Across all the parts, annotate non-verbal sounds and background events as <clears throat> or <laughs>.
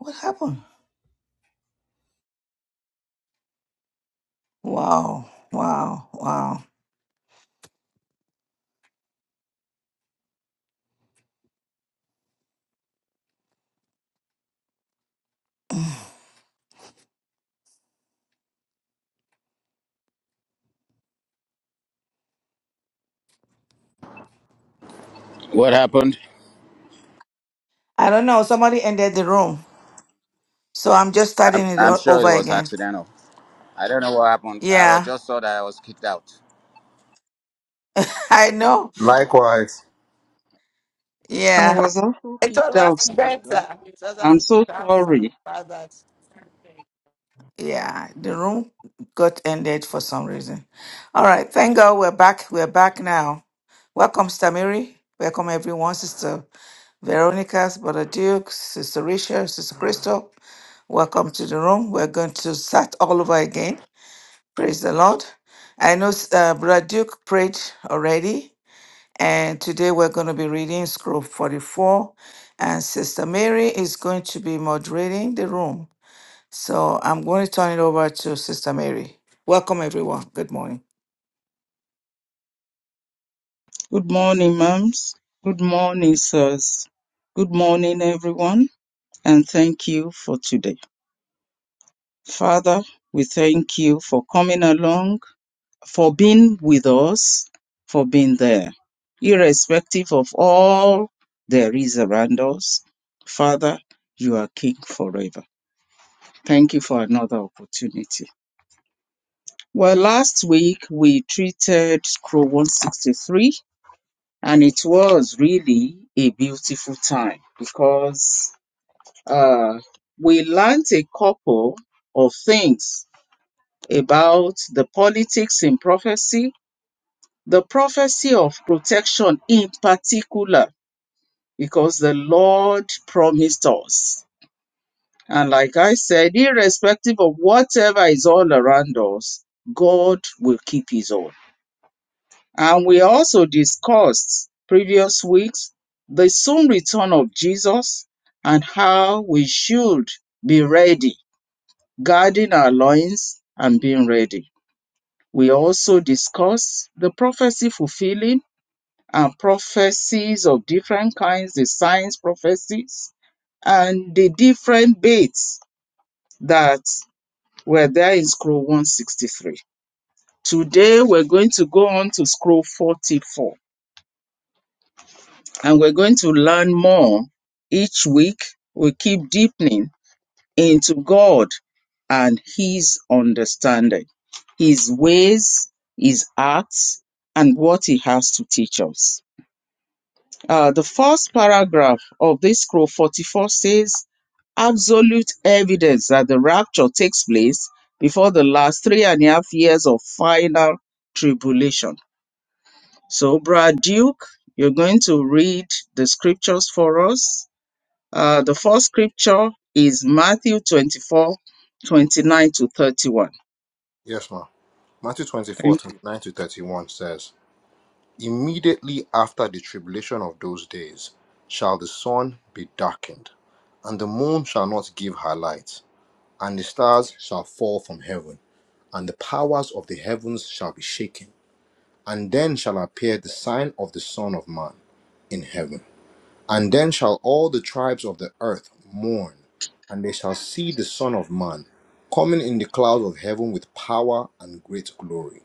What happened? Wow, wow, wow. What happened? I don't know. Somebody ended the room. So I'm just I'm, starting it I'm all sure over it was again. accidental. I don't know what happened. I was Yeah, just saw that I was kicked out. <laughs> I know. Likewise, I Yeah, was also It was kicked out, last sir. better. It was I'm last so better. I'm sorry sorry. about yeah. The room got ended for some reason. All right. Thank God we're back. We're back now. Welcome, Stamiri. Welcome, everyone. Sister Veronica, Brother Duke, Sister Risha, Sister Crystal. Welcome to the room. We're going to start all over again. Praise the Lord. I know uh, Brother Duke prayed already, and today we're going to be reading Scroll 44, and Sister Mary is going to be moderating the room. So I'm going to turn it over to Sister Mary. Welcome, everyone. Good morning. Good morning, mums. Good morning, sirs. Good morning, everyone, and thank you for today. Father, we thank you for coming along, for being with us, for being there, irrespective of all there is around us. Father, you are King forever. Thank you for another opportunity. Well, last week we treated Scroll 163 and it was really a beautiful time because uh, we learnt a couple of things about the politics in prophecy, the prophecy of protection in particular, because the Lord promised us. And like I said, irrespective of whatever is all around us, God will keep his own. And we also discussed previous weeks the soon return of Jesus and how we should be ready, guarding our loins and being ready. We also discussed the prophecy fulfilling and prophecies of different kinds, the signs prophecies, and the different dates that were there in scroll 163. Today we're going to go on to scroll 44 and we're going to learn more each week. We keep deepening into God and His understanding, His ways, His acts, and what He has to teach us. Uh, the first paragraph of this scroll 44 says, Absolute evidence that the rapture takes place before the last three and a half years of final tribulation. So, Brad Duke, you're going to read the scriptures for us uh, the first scripture is Matthew 24, 29 to 31. yes, ma'am. Matthew 24, Thank you. 29 to 31 says, Immediately after the tribulation of those days shall the sun be darkened, and the moon shall not give her light, and the stars shall fall from heaven, and the powers of the heavens shall be shaken. And then shall appear the sign of the Son of Man in heaven. And then shall all the tribes of the earth mourn, and they shall see the Son of Man coming in the clouds of heaven with power and great glory.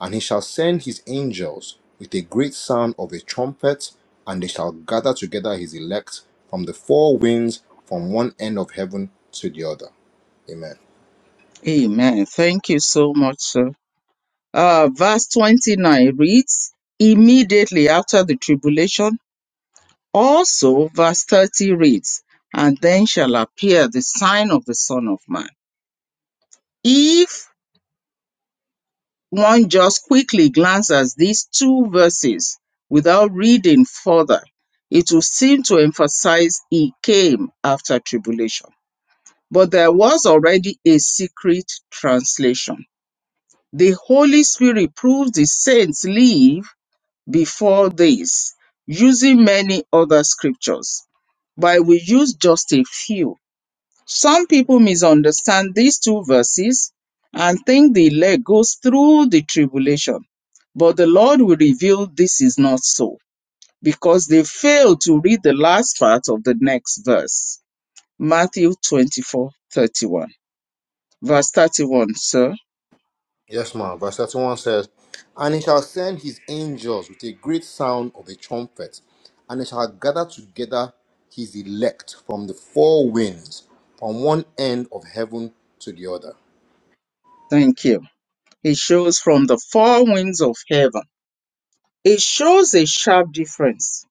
And he shall send his angels with a great sound of a trumpet, and they shall gather together his elect from the four winds, from one end of heaven to the other. Amen. Amen. Thank you so much, sir. Uh, verse 29 reads, Immediately after the tribulation, also verse 30 reads, And then shall appear the sign of the Son of Man. If one just quickly glances these two verses without reading further, it will seem to emphasize he came after tribulation but there was already a secret translation. The Holy Spirit proved the saints live before this using many other scriptures, but we use just a few. Some people misunderstand these two verses and think the elect goes through the tribulation, but the Lord will reveal this is not so because they fail to read the last part of the next verse. Matthew 24:31. Verse 31, sir. Yes, ma'am. Verse 31 says, And he shall send his angels with a great sound of a trumpet, and they shall gather together his elect from the four winds, from one end of heaven to the other. Thank you. It shows from the four winds of heaven. It shows a sharp difference.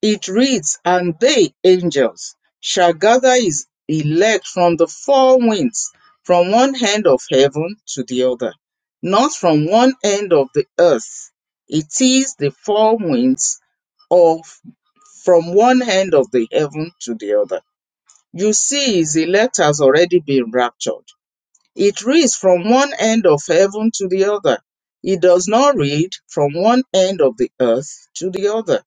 It reads, And they, angels, shall gather his elect from the four winds, from one end of heaven to the other, not from one end of the earth. It is the four winds of from one end of the heaven to the other. You see, his elect has already been raptured It reads from one end of heaven to the other. It does not read from one end of the earth to the other.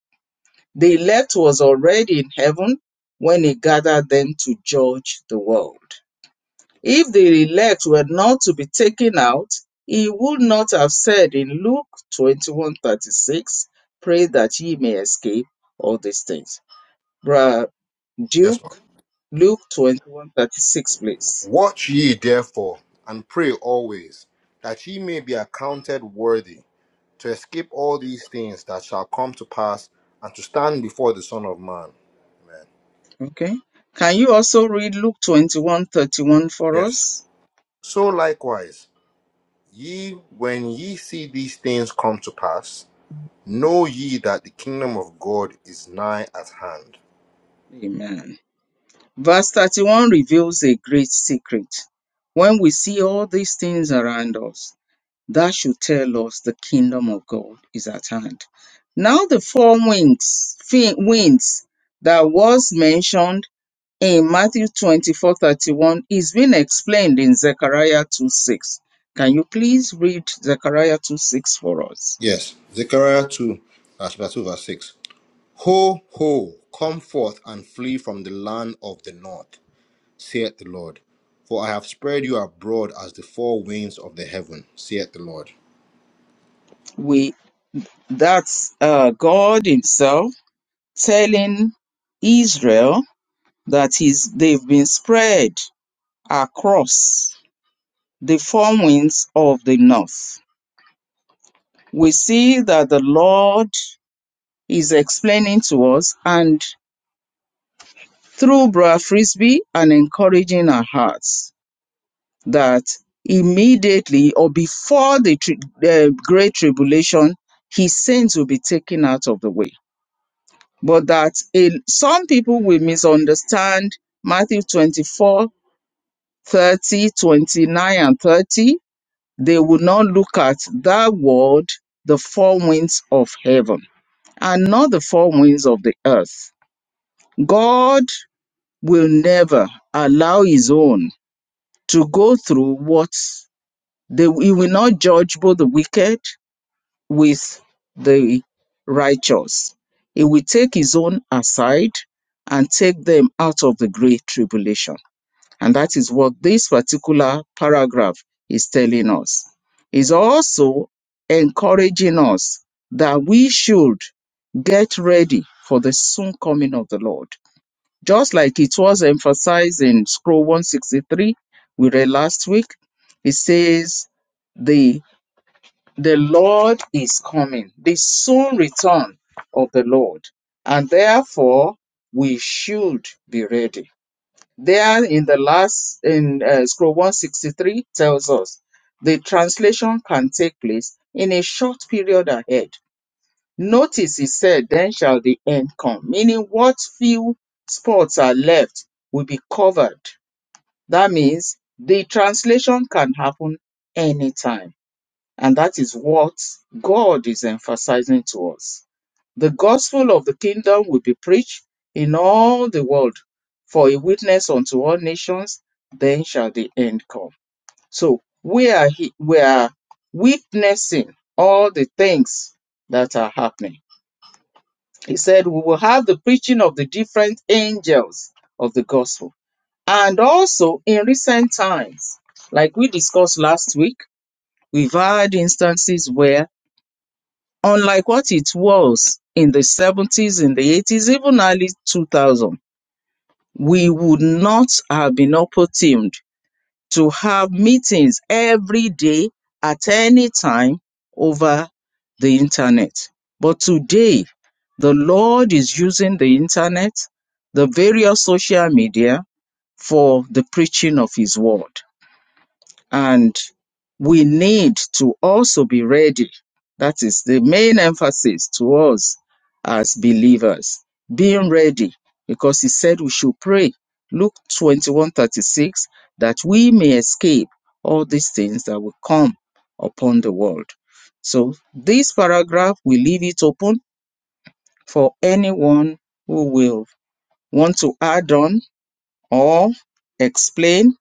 The elect was already in heaven when he gathered them to judge the world. If the elect were not to be taken out, he would not have said in Luke 21:36, Pray that ye may escape all these things. Brother Yes, ma'am. Duke, Luke 21:36, please. Watch ye therefore, and pray always, that ye may be accounted worthy to escape all these things that shall come to pass, and to stand before the Son of Man. Amen. Okay. Can you also read Luke 21 31 for Yes. us? So likewise, ye, when ye see these things come to pass, know ye that the kingdom of God is nigh at hand. Amen. Verse 31 reveals a great secret. When we see all these things around us, that should tell us the kingdom of God is at hand. Now, the four winds, fi- winds that was mentioned in Matthew 24 31 is being explained in Zechariah 2 6. Can you please read Zechariah 2 6 for us? Yes. Zechariah 2, verse 2, verse 6. Ho, ho, come forth and flee from the land of the north saith the Lord. For I have spread you abroad as the four winds of the heaven, saith the Lord. We. That's uh, God Himself telling Israel that he's, they've been spread across the four winds of the north. We see that the Lord is explaining to us and through Brother Frisbee and encouraging our hearts that immediately or before the tri- uh, great tribulation, His saints will be taken out of the way but that a, some people will misunderstand Matthew 24 30 29 and 30. They will not look at that word, the four winds of heaven, and not the four winds of the earth. God will never allow his own to go through what they, he will not judge both the wicked with the righteous. He will take his own aside and take them out of the great tribulation. And that is what this particular paragraph is telling us. Is also encouraging us that we should get ready for the soon coming of the Lord. Just like it was emphasized in scroll 163 we read last week, it says the Lord is coming, the soon return of the Lord. And therefore, we should be ready. There in the last, in uh, scroll 163, tells us the translation can take place in a short period ahead. Notice he said, Then shall the end come, meaning what few spots are left will be covered. That means the translation can happen anytime and that is what God is emphasizing to us. The gospel of the kingdom will be preached in all the world for a witness unto all nations, then shall the end come. So we are, he- we are witnessing all the things that are happening. He said, We will have the preaching of the different angels of the gospel. And also in recent times, like we discussed last week, we've had instances where unlike what it was in the 70s, in the 80s, even early 2000, we would not have been opportuned to have meetings every day at any time over the internet. But today, the Lord is using the internet, the various social media for the preaching of His word. And we need to also be ready. That is the main emphasis to us as believers. Being ready, because he said we should pray. Luke 21 36, that we may escape all these things that will come upon the world. So, this paragraph, we leave it open for anyone who will want to add on or explain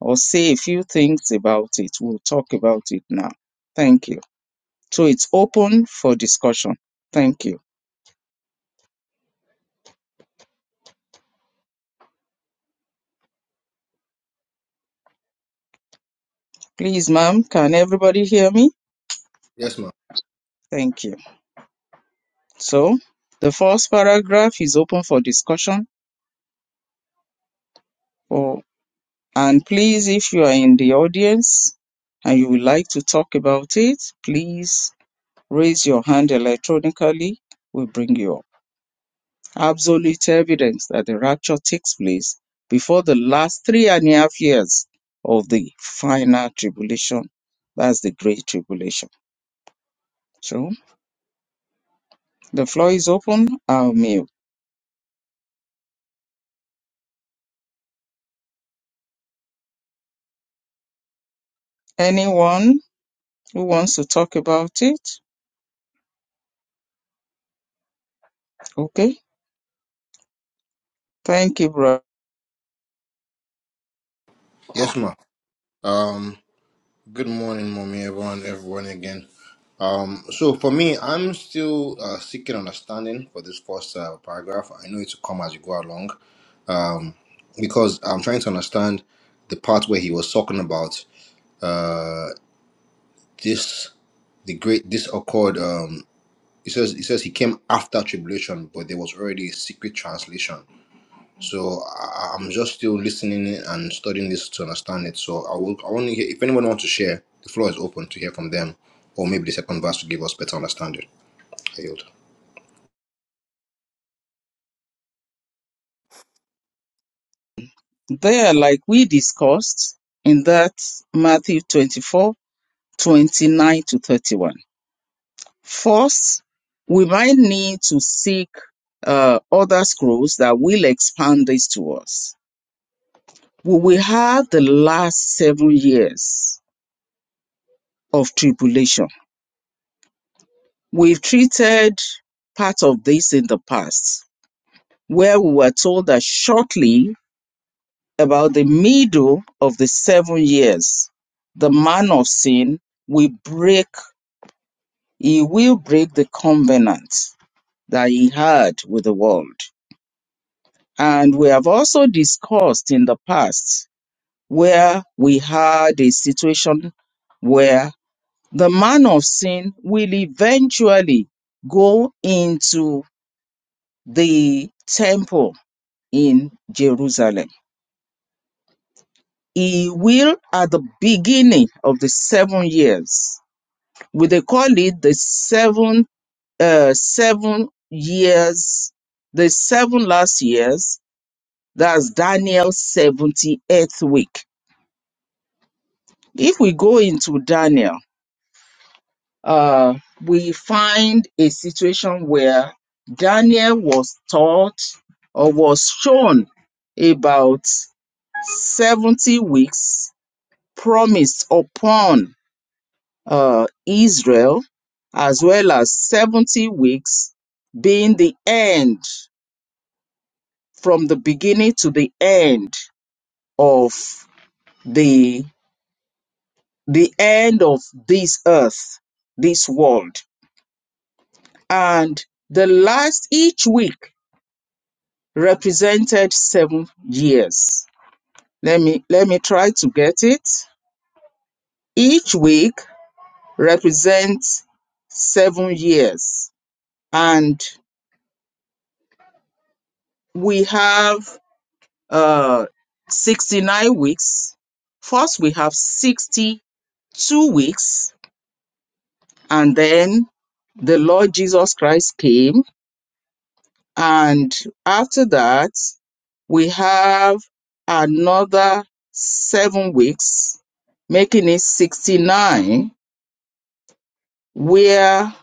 or say a few things about it. We'll talk about it now. Thank you. So it's open for discussion. Thank you. Please, ma'am, can everybody hear me? Yes, ma'am. Thank you. So the first paragraph is open for discussion. Oh, and please, if you are in the audience and you would like to talk about it, please raise your hand electronically. We'll bring you up. absolute evidence that the rapture takes place before the last three and a half years of the final tribulation. That's the great tribulation. So the floor is open. I'll mute. Anyone who wants to talk about it? Okay. Thank you, brother. Yes, ma'am. Um, good morning, mommy, everyone, everyone again. Um, so for me, I'm still uh, seeking understanding for this first uh, paragraph. I know it will come as you go along because I'm trying to understand the part where he was talking about uh, this, the great this occurred. Um, he says he says he came after tribulation, but there was already a secret translation. So I, I'm just still listening and studying this to understand it. So I will. I want to hear if anyone wants to share. The floor is open to hear from them, or maybe the second verse will give us better understanding. I yield. There, like we discussed in that Matthew 24, 29 to 31. First, we might need to seek uh, other scrolls that will expand this to us. We will have the last seven years of tribulation. We've treated part of this in the past, where we were told that shortly about the middle of the seven years, the man of sin will break, he will break the covenant that he had with the world. And we have also discussed in the past where we had a situation where the man of sin will eventually go into the temple in Jerusalem. He will, at the beginning of the seven years, we they call it the seven, uh, seven years, the seven last years. That's Daniel's 78th week If we go into Daniel, uh, we find a situation where Daniel was taught or was shown about 70 weeks promised upon uh, Israel, as well as 70 weeks being the end from the beginning to the end of the the end of this earth this world and the last each week represented seven years. Let me let me try to get it. Each week represents seven years, and we have uh, 69 weeks. First, we have 62 weeks, and then the Lord Jesus Christ came And after that, we have another seven weeks, making it 69, where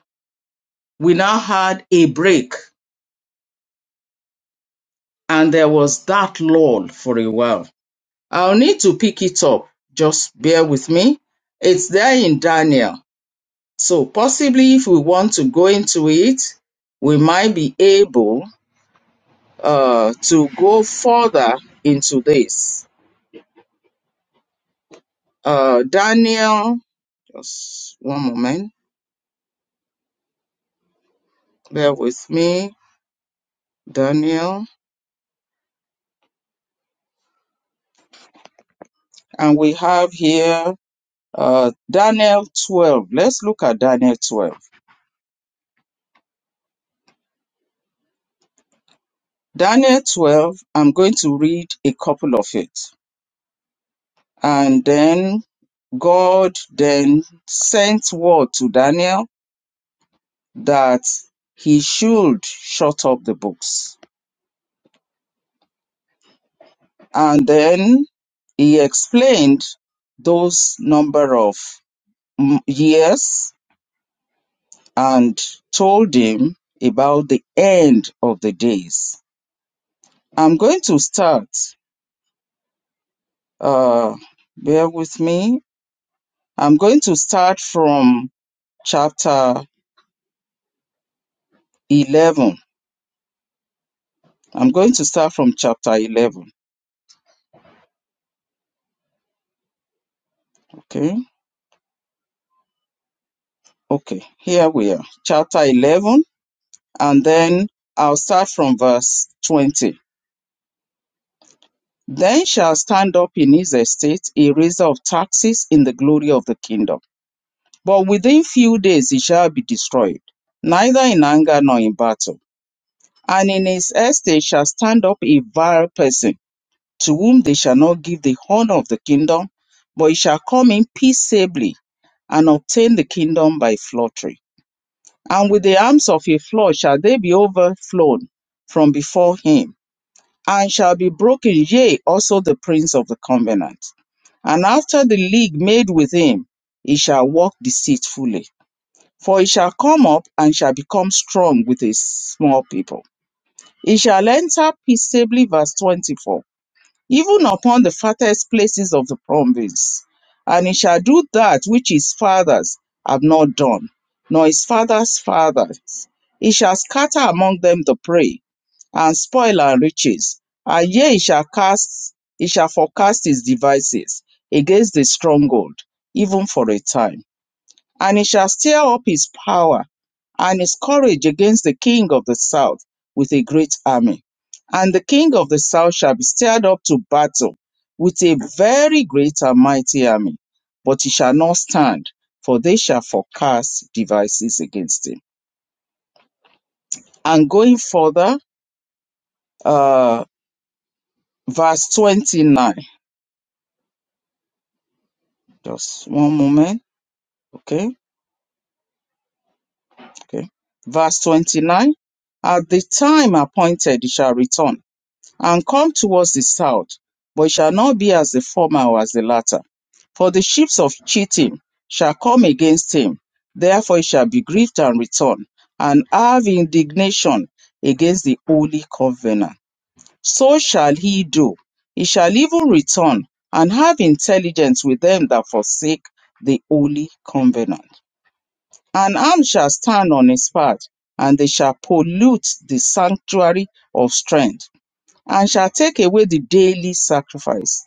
we now had a break and there was that lull for a while. I'll need to pick it up. Just bear with me. It's there in Daniel. So possibly if we want to go into it, we might be able uh, to go further into this. Uh, Daniel Just one moment. Bear with me, Daniel. And we have here uh, Daniel 12. Let's look at Daniel 12. Daniel 12, I'm going to read a couple of it. And then God then sent word to Daniel that he should shut up the books. And then he explained those number of mm, years and told him about the end of the days. I'm going to start, uh, bear with me. I'm going to start from chapter 11. I'm going to start from chapter 11. Okay. Okay. Here we are. Chapter 11. And then I'll start from verse 20. Then shall stand up in his estate a raiser of taxes in the glory of the kingdom But within few days it shall be destroyed, neither in anger nor in battle. And in his estate shall stand up a vile person, to whom they shall not give the horn of the kingdom, but he shall come in peaceably and obtain the kingdom by flattery. And with the arms of a flood shall they be overflown from before him, and shall be broken, yea, also the prince of the covenant. And after the league made with him, he shall walk deceitfully for he shall come up and shall become strong with a small people. He shall enter peaceably, verse 24, even upon the farthest places of the province. And he shall do that which his fathers have not done, nor his fathers' fathers. He shall scatter among them the prey, and spoil and riches. And yea, he shall cast, he shall forecast his devices against the stronghold, even for a time and he shall stir up his power and his courage against the king of the south with a great army. And the king of the south shall be stirred up to battle with a very great and mighty army, but he shall not stand, for they shall forecast devices against him. And going further, uh, verse 29. Just one moment. Okay, okay. Verse 29. At the time appointed, he shall return and come towards the south, but it shall not be as the former or as the latter. For the ships of cheating shall come against him, therefore he shall be grieved and return, and have indignation against the holy covenant. So shall he do. He shall even return and have intelligence with them that forsake the holy covenant. An arm shall stand on his path, and they shall pollute the sanctuary of strength and shall take away the daily sacrifice.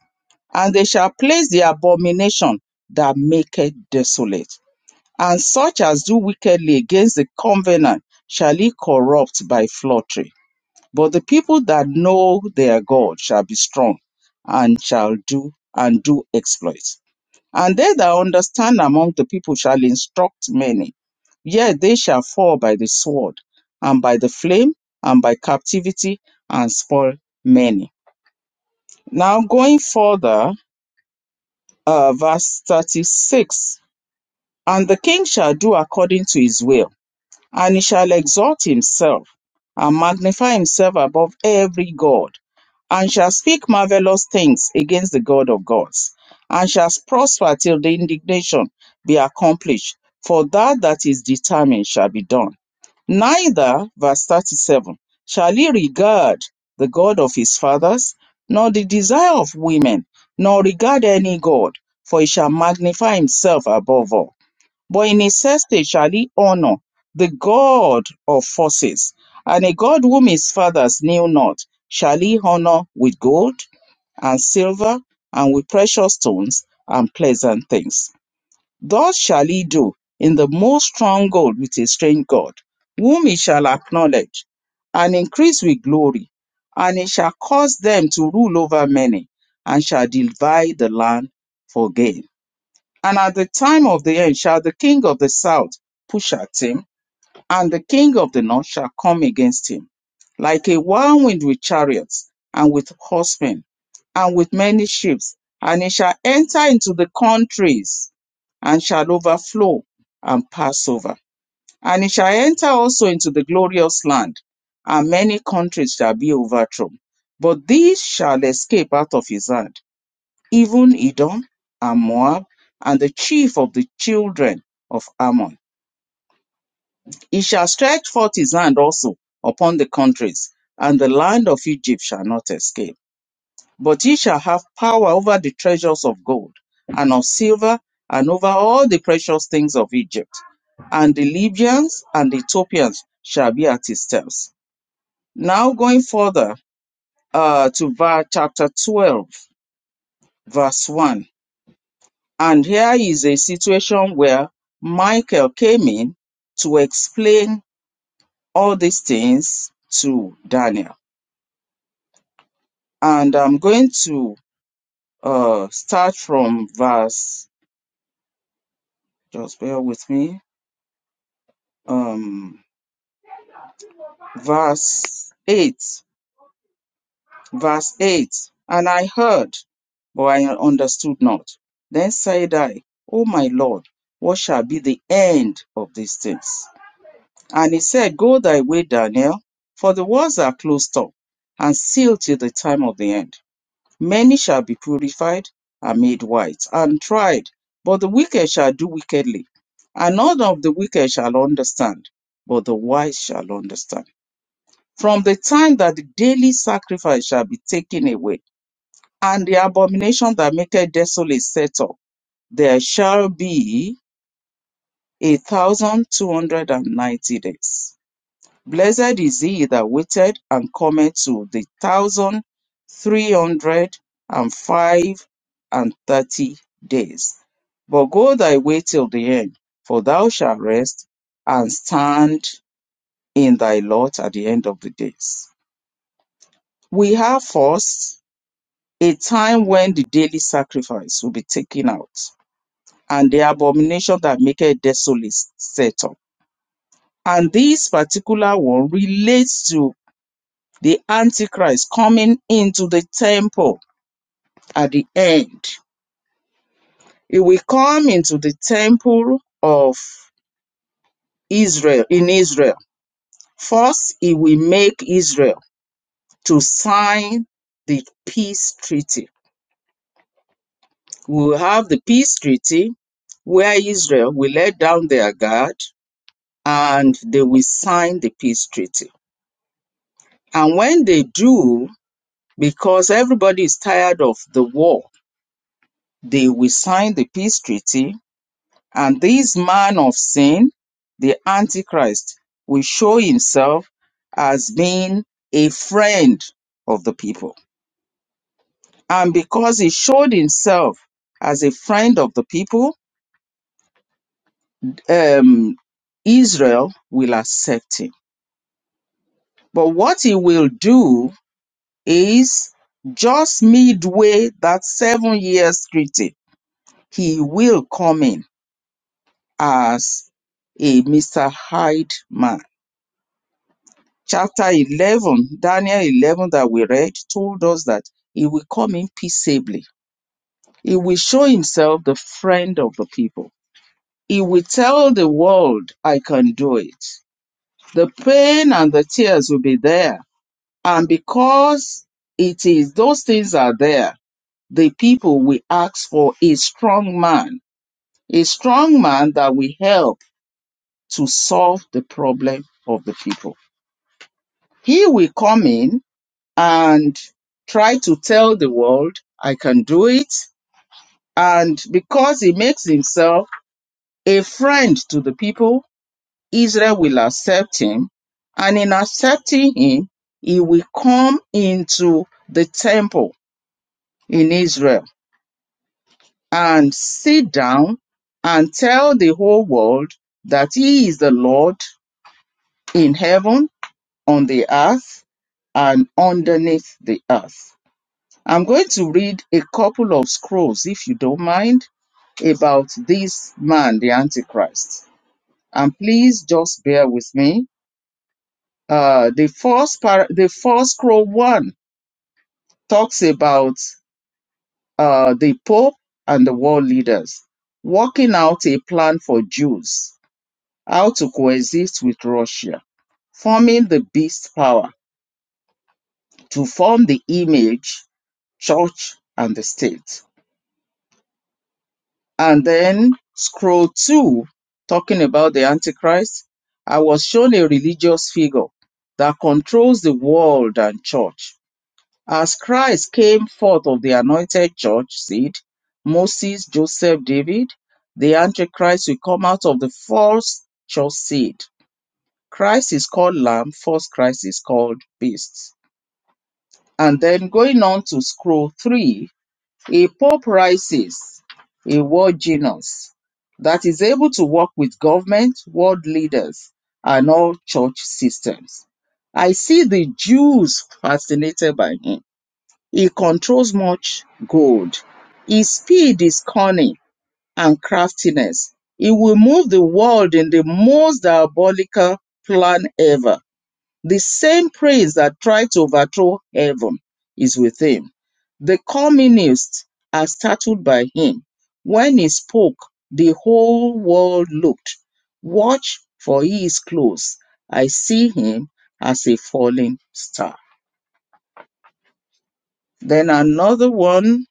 And they shall place the abomination that maketh desolate. And such as do wickedly against the covenant shall he corrupt by flattery. But the people that know their God shall be strong and shall do and do exploits. And they that understand among the people shall instruct many. Yet they shall fall by the sword, and by the flame, and by captivity, and spoil many. Now, going further, uh, verse 36 And the king shall do according to his will, and he shall exalt himself and magnify himself above every God, and shall speak marvelous things against the God of gods, and shall prosper till the indignation be accomplished, for that that is determined shall be done. Neither (verse 37) shall he regard the God of his fathers, nor the desire of women, nor regard any God, for he shall magnify himself above all. But in his estate shall he honor the God of forces, and a God whom his fathers knew not, shall he honor with gold and silver and with precious stones and pleasant things. Thus shall he do in the most stronghold with a strange God, whom he shall acknowledge and increase with glory, and he shall cause them to rule over many, and shall divide the land for gain. And at the time of the end shall the king of the south push at him, and the king of the north shall come against him, like a whirlwind with chariots, and with horsemen, and with many ships. And he shall enter into the countries, and shall overflow and pass over. And he shall enter also into the glorious land, and many countries shall be overthrown. But these shall escape out of his hand, even Edom and Moab, and the chief of the children of Ammon. He shall stretch forth his hand also upon the countries, and the land of Egypt shall not escape. But he shall have power over the treasures of gold and of silver, and over all the precious things of Egypt. And the Libyans and the Ethiopians shall be at his steps. Now going further uh, to verse chapter 12, verse 1. And here is a situation where Michael came in to explain all these things to Daniel. And I'm going to uh, start from verse, just bear with me, um, verse 8. Verse 8. And I heard, but I understood not. Then said I, O my Lord, what shall be the end of these things? And he said, Go thy way, Daniel, for the words are closed up and sealed till the time of the end. Many shall be purified and made white and tried, but the wicked shall do wickedly. And none of the wicked shall understand, but the wise shall understand. From the time that the daily sacrifice shall be taken away, and the abomination that maketh desolate set up, there shall be a thousand two hundred and ninety days. Blessed is he that waiteth and cometh to the thousand three hundred and five and thirty days. But go thy way till the end, for thou shalt rest and stand in thy lot at the end of the days. We have first a time when the daily sacrifice will be taken out, and the abomination that maketh desolate set up. And this particular one relates to. the Antichrist coming into the temple at the end. He will come into the temple of Israel in Israel. First, he will make Israel to sign the peace treaty. We will have the peace treaty where Israel will let down their guard and they will sign the peace treaty. And when they do, because everybody is tired of the war, they will sign the peace treaty And this man of sin, the Antichrist, will show himself as being a friend of the people. And because he showed himself as a friend of the people, um, Israel will accept him. But what he will do is just midway that seven years treaty, he will come in as a Mr. Hyde man Chapter 11, Daniel 11, that we read, told us that he will come in peaceably. He will show himself the friend of the people. He will tell the world, I can do it. The pain and the tears will be there. And because it is, those things are there, the people will ask for a strong man, a strong man that will help to solve the problem of the people. He will come in and try to tell the world I can do it. And because he makes himself a friend to the people, Israel will accept him. And in accepting him, he will come into the temple in Israel and sit down and tell the whole world that he is the Lord in heaven, on the earth, and underneath the earth. I'm going to read a couple of scrolls, if you don't mind, about this man, the Antichrist. And please just bear with me. Uh, the first par- the first scroll one talks about uh, the Pope and the world leaders working out a plan for Jews how to coexist with Russia, forming the beast power to form the image, church, and the state and then scroll two, talking about the Antichrist, I was shown a religious figure that controls the world and church. As Christ came forth of the anointed church seed, Moses, Joseph, David, the Antichrist will come out of the false church seed. Christ is called Lamb, false Christ is called Beast. And then going on to scroll three, a poor prices a world genius that is able to work with government, world leaders, and all church systems. I see the Jews fascinated by him. He controls much gold. His speed is cunning and craftiness. He will move the world in the most diabolical plan ever. The same praise that tried to overthrow heaven is with him. The communists are startled by him. When he spoke, the whole world looked. Watch, for he is close. I see him as a falling star. Then another one,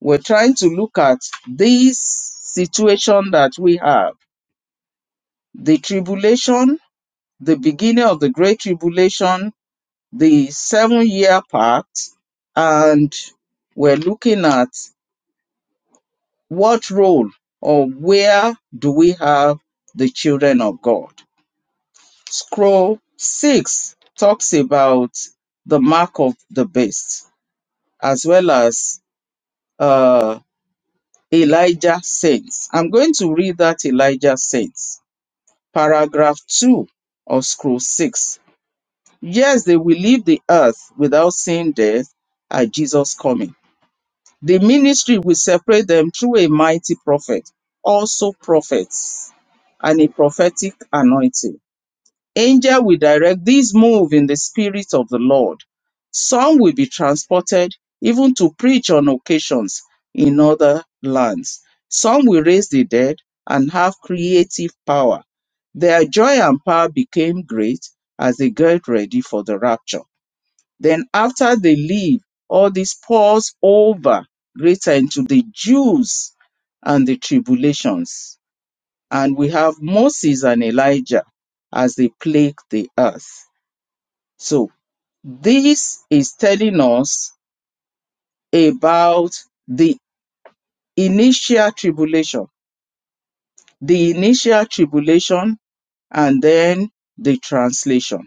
we're trying to look at this situation that we have the tribulation, the beginning of the great tribulation, the seven year part and we're looking at what role or where do we have the children of God. Scroll six talks about the mark of the beast as well as uh, Elijah saints. I'm going to read that Elijah saints, paragraph two of scroll six. Yes, they will leave the earth without seeing death at Jesus' coming The ministry will separate them through a mighty prophet, also prophets, and a prophetic anointing. Angel will direct this move in the spirit of the Lord. Some will be transported even to preach on occasions in other lands. Some will raise the dead and have creative power. Their joy and power became great as they get ready for the rapture. Then after they leave, all this pours over greater into the Jews and the tribulations. And we have Moses and Elijah as they plague the earth. So this is telling us about the initial tribulation, the initial tribulation and then the translation,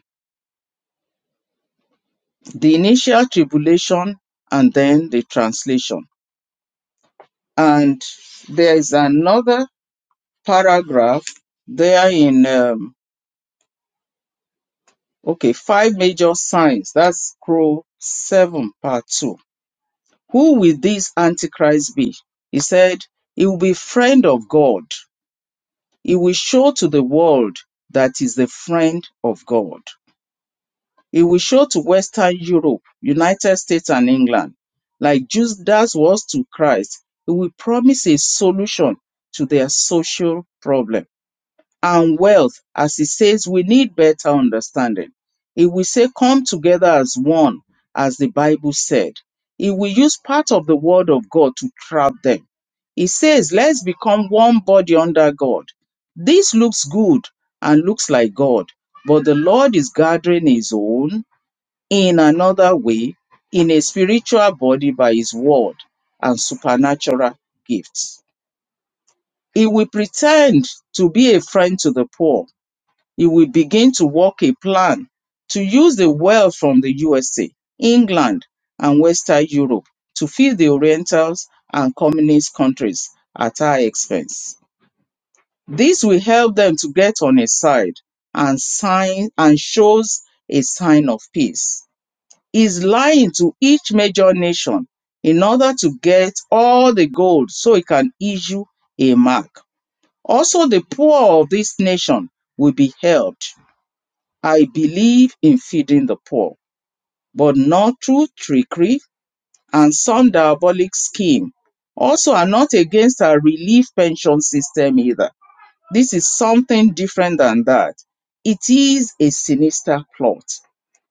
the initial tribulation and then the translation. And there is another paragraph, there in, um, okay, five major signs. That's scroll seven, part two. Who will this Antichrist be? He said, he will be friend of God. He will show to the world that he's the friend of God. He will show to Western Europe, United States and England, like Judas was to Christ. He will promise a solution to their social problem and wealth as he says we need better understanding. He will say, Come together as one, as the Bible said. He will use part of the word of God to trap them. He says, Let's become one body under God. This looks good and looks like God, but the Lord is gathering his own in another way, in a spiritual body by his word and supernatural gifts. He will pretend to be a friend to the poor he will begin to work a plan to use the wealth from the USA, England, and Western Europe to feed the Orientals and communist countries at our expense. This will help them to get on his side and sign and shows a sign of peace. He's lying to each major nation in order to get all the gold so he can issue a mark. Also, the poor of this nation will be helped I believe in feeding the poor, but not through trickery and some diabolic scheme. Also, I'm not against a relief pension system either. This is something different than that. It is a sinister plot.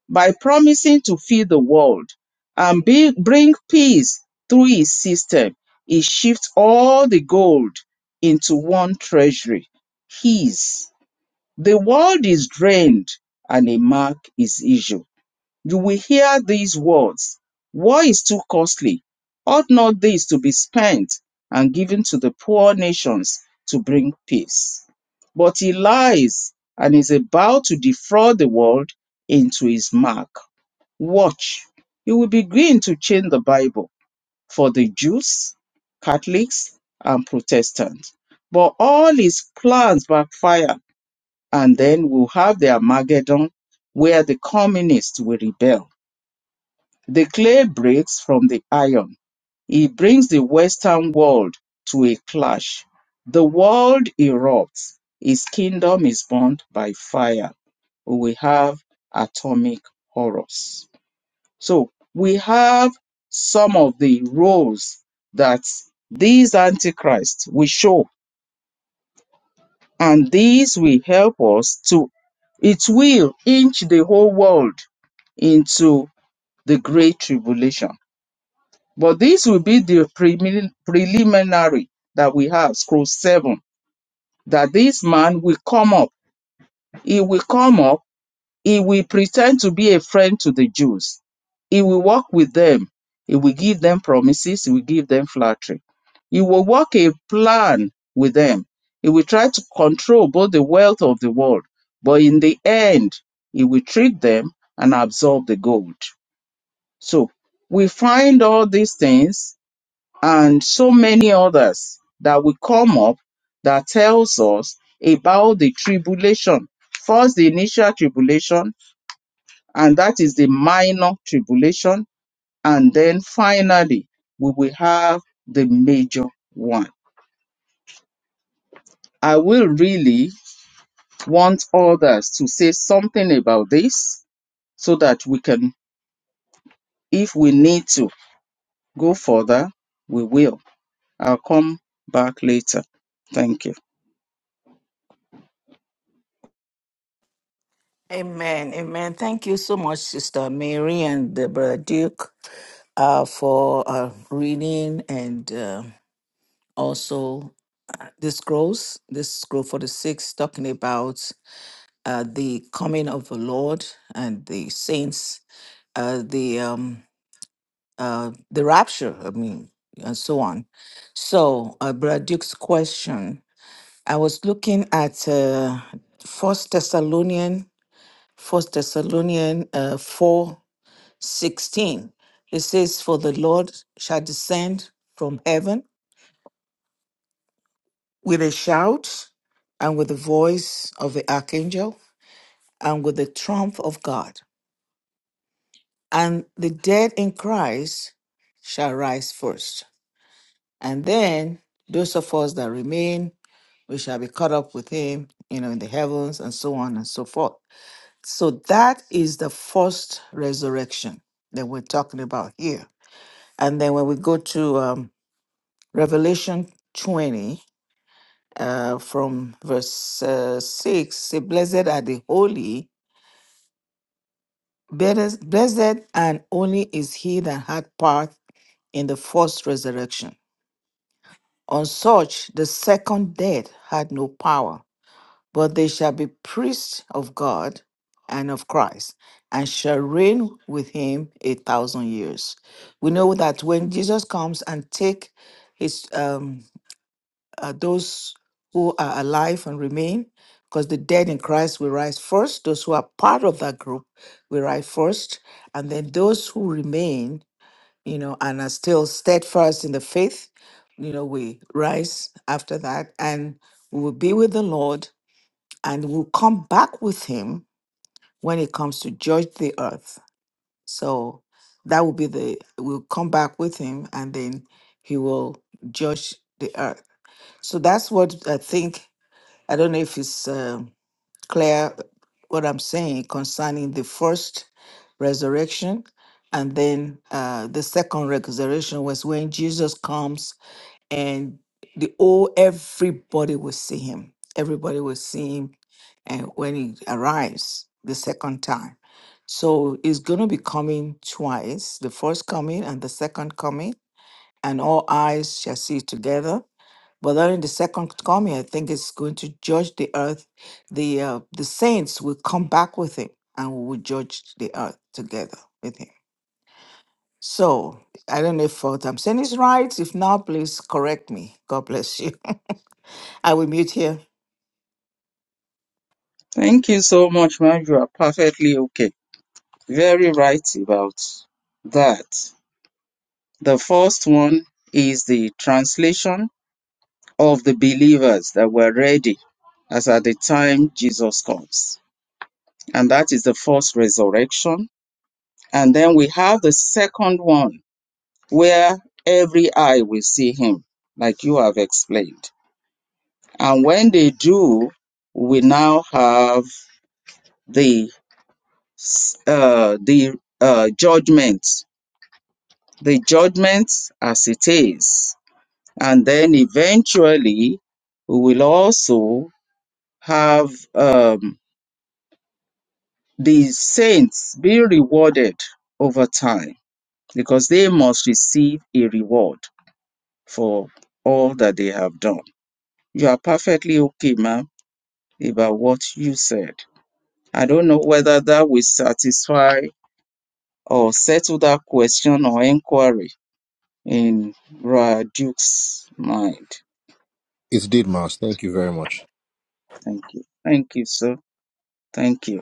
By promising to feed the world and be, bring peace through his system, he shifts all the gold into one treasury, his. The world is drained and a mark is issued you will hear these words War is too costly. Ought not this to be spent and given to the poor nations to bring peace? But he lies and is about to defraud the world into his mark. Watch. He will begin to change the Bible for the Jews, Catholics, and Protestants. But all his plans backfire, and then we'll have the Armageddon where the communists will rebel the clay breaks from the iron. It brings the Western world to a clash. The world erupts. His kingdom is burned by fire. We have atomic horrors. So we have some of the roles that these antichrists will show, and these will help us to, it will inch the whole world into the great tribulation. But this will be the prelim- preliminary that we have, scroll seven, that this man will come up. He will come up. He will pretend to be a friend to the Jews. He will walk with them. He will give them promises. He will give them flattery. He will work a plan with them. He will try to control both the wealth of the world. But in the end, he will trick them and absorb the gold. So we find all these things and so many others that will come up that tells us about the tribulation. First, the initial tribulation, and that is the minor tribulation. And then finally, we will have the major one. I will really want others to say something about this so that we can, if we need to go further, we will. I'll come back later. Thank you. Amen. Amen. Thank you so much, Sister Mary and uh, Brother Duke, uh, for uh, reading and uh, also uh, the scrolls, this scroll 46, talking about. uh, the coming of the Lord and the saints, uh, the um, uh, the rapture, I mean, and so on. So, uh, Brother Duke's question, I was looking at uh, First Thessalonian, First Thessalonian uh, four sixteen. It says, "For the Lord shall descend from heaven with a shout, and with the voice of the archangel, and with the trump of God." and the dead in Christ shall rise first. And then those of us that remain, we shall be caught up with him, you know, in the heavens and so on and so forth. So that is the first resurrection that we're talking about here. And then when we go to um, Revelation 20, uh, from verse uh, 6, say, Blessed are the holy, blessed blessed and only is he that had part in the first resurrection. On such the second death had no power, but they shall be priests of God and of Christ, and shall reign with him a thousand years. We know that when Jesus comes and take his um, uh, those who are alive and remain, because the dead in Christ will rise first. Those who are part of that group will rise first, and then those who remain you know, and are still steadfast in the faith, you know, we rise after that and we will be with the Lord and we'll come back with him when it comes to judge the earth. So that will be the, we'll come back with him and then he will judge the earth. So that's what I think. I don't know if it's. uh, clear what I'm saying concerning the first resurrection. And then uh, the second resurrection was when Jesus comes and the oh, everybody will see him. Everybody will see him. And when he arrives the second time. So he's going to be coming twice the first coming and the second coming, and all eyes shall see together. But during the second coming, I think it's going to judge the earth. The uh, the saints will come back with him, and we will judge the earth together with him. So I don't know if what I'm saying is right. If not, please correct me. God bless you. <laughs> I will mute here. Thank you so much, man. You are perfectly okay. Very right about that. The first one is the translation of the believers that were ready as at the time Jesus comes. And that is the first resurrection. And then we have the second one where every eye will see him, like you have explained. And when they do, we now have the uh, the uh, judgment the judgments as it is. And then eventually, we will also have um, the saints be rewarded over time because they must receive a reward for all that they have done. You are perfectly okay, ma'am, about what you said. I don't know whether that will satisfy or settle that question or inquiry in Ra Duke's mind. It's did, Mas. Thank you very much. Thank you. Thank you, sir. Thank you.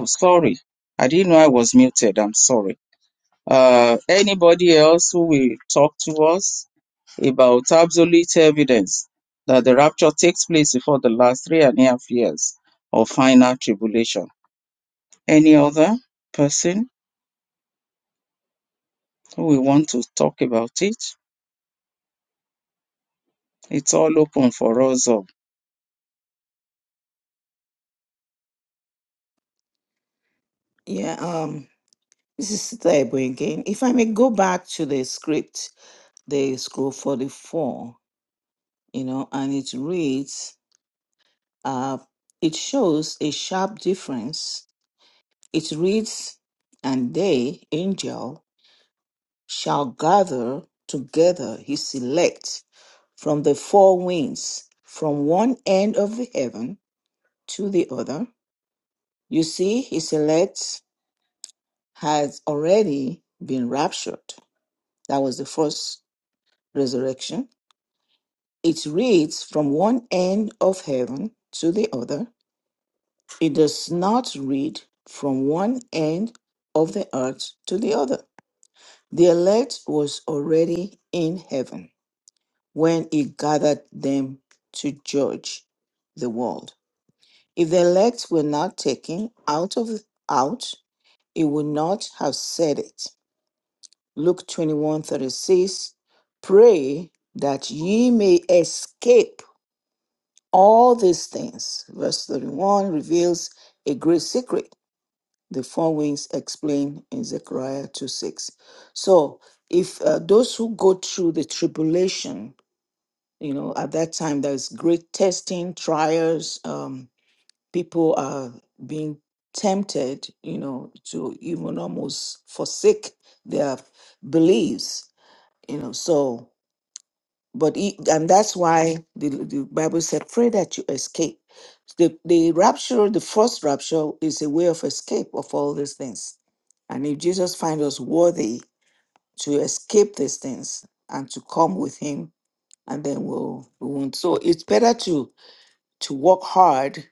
I'm sorry. I didn't know I was muted. I'm sorry. Uh, anybody else who will talk to us about absolute evidence that the rapture takes place before the last three and a half years of final tribulation? Any other person who will want to talk about it? It's all open for us all. Yeah, um, this is Sister Ebo again. If I may go back to the script, the scroll 44, you know, and it reads, uh, it shows a sharp difference It reads, And they, angel, shall gather together his elect from the four winds, from one end of the heaven to the other. You see, his elect has already been raptured. That was the first resurrection. It reads from one end of heaven to the other. It does not read from one end of the earth to the other. The elect was already in heaven when he gathered them to judge the world. If the elect were not taken out of out, he would not have said it. Luke 21 36, Pray that ye may escape all these things. Verse 31 reveals a great secret the four winds explained in Zechariah 2 6. So, if uh, those who go through the tribulation, you know, at that time, there's great testing, trials, um, people are being tempted, you know, to even almost forsake their beliefs, you know. So, but he, and that's why the, the Bible said, "Pray that you escape." The the rapture, the first rapture, is a way of escape of all these things. And if Jesus finds us worthy to escape these things and to come with Him, and then we'll we won't. So it's better to to work hard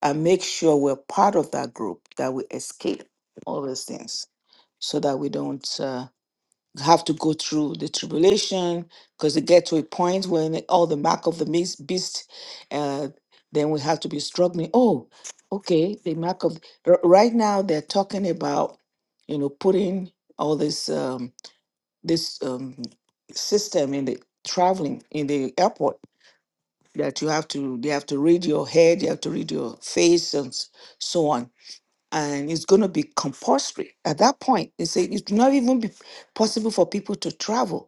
and make sure we're part of that group that we escape all these things, so that we don't. uh, have to go through the tribulation because they get to a point when all the mark of the beas- beast, uh, then we have to be struggling. Oh, okay, the mark of r- right now they're talking about, you know, putting all this um, this um, system in the traveling in the airport that you have to they have to read your head, you have to read your face and s- so on. And it's going to be compulsory at that point. They say it's not even be possible for people to travel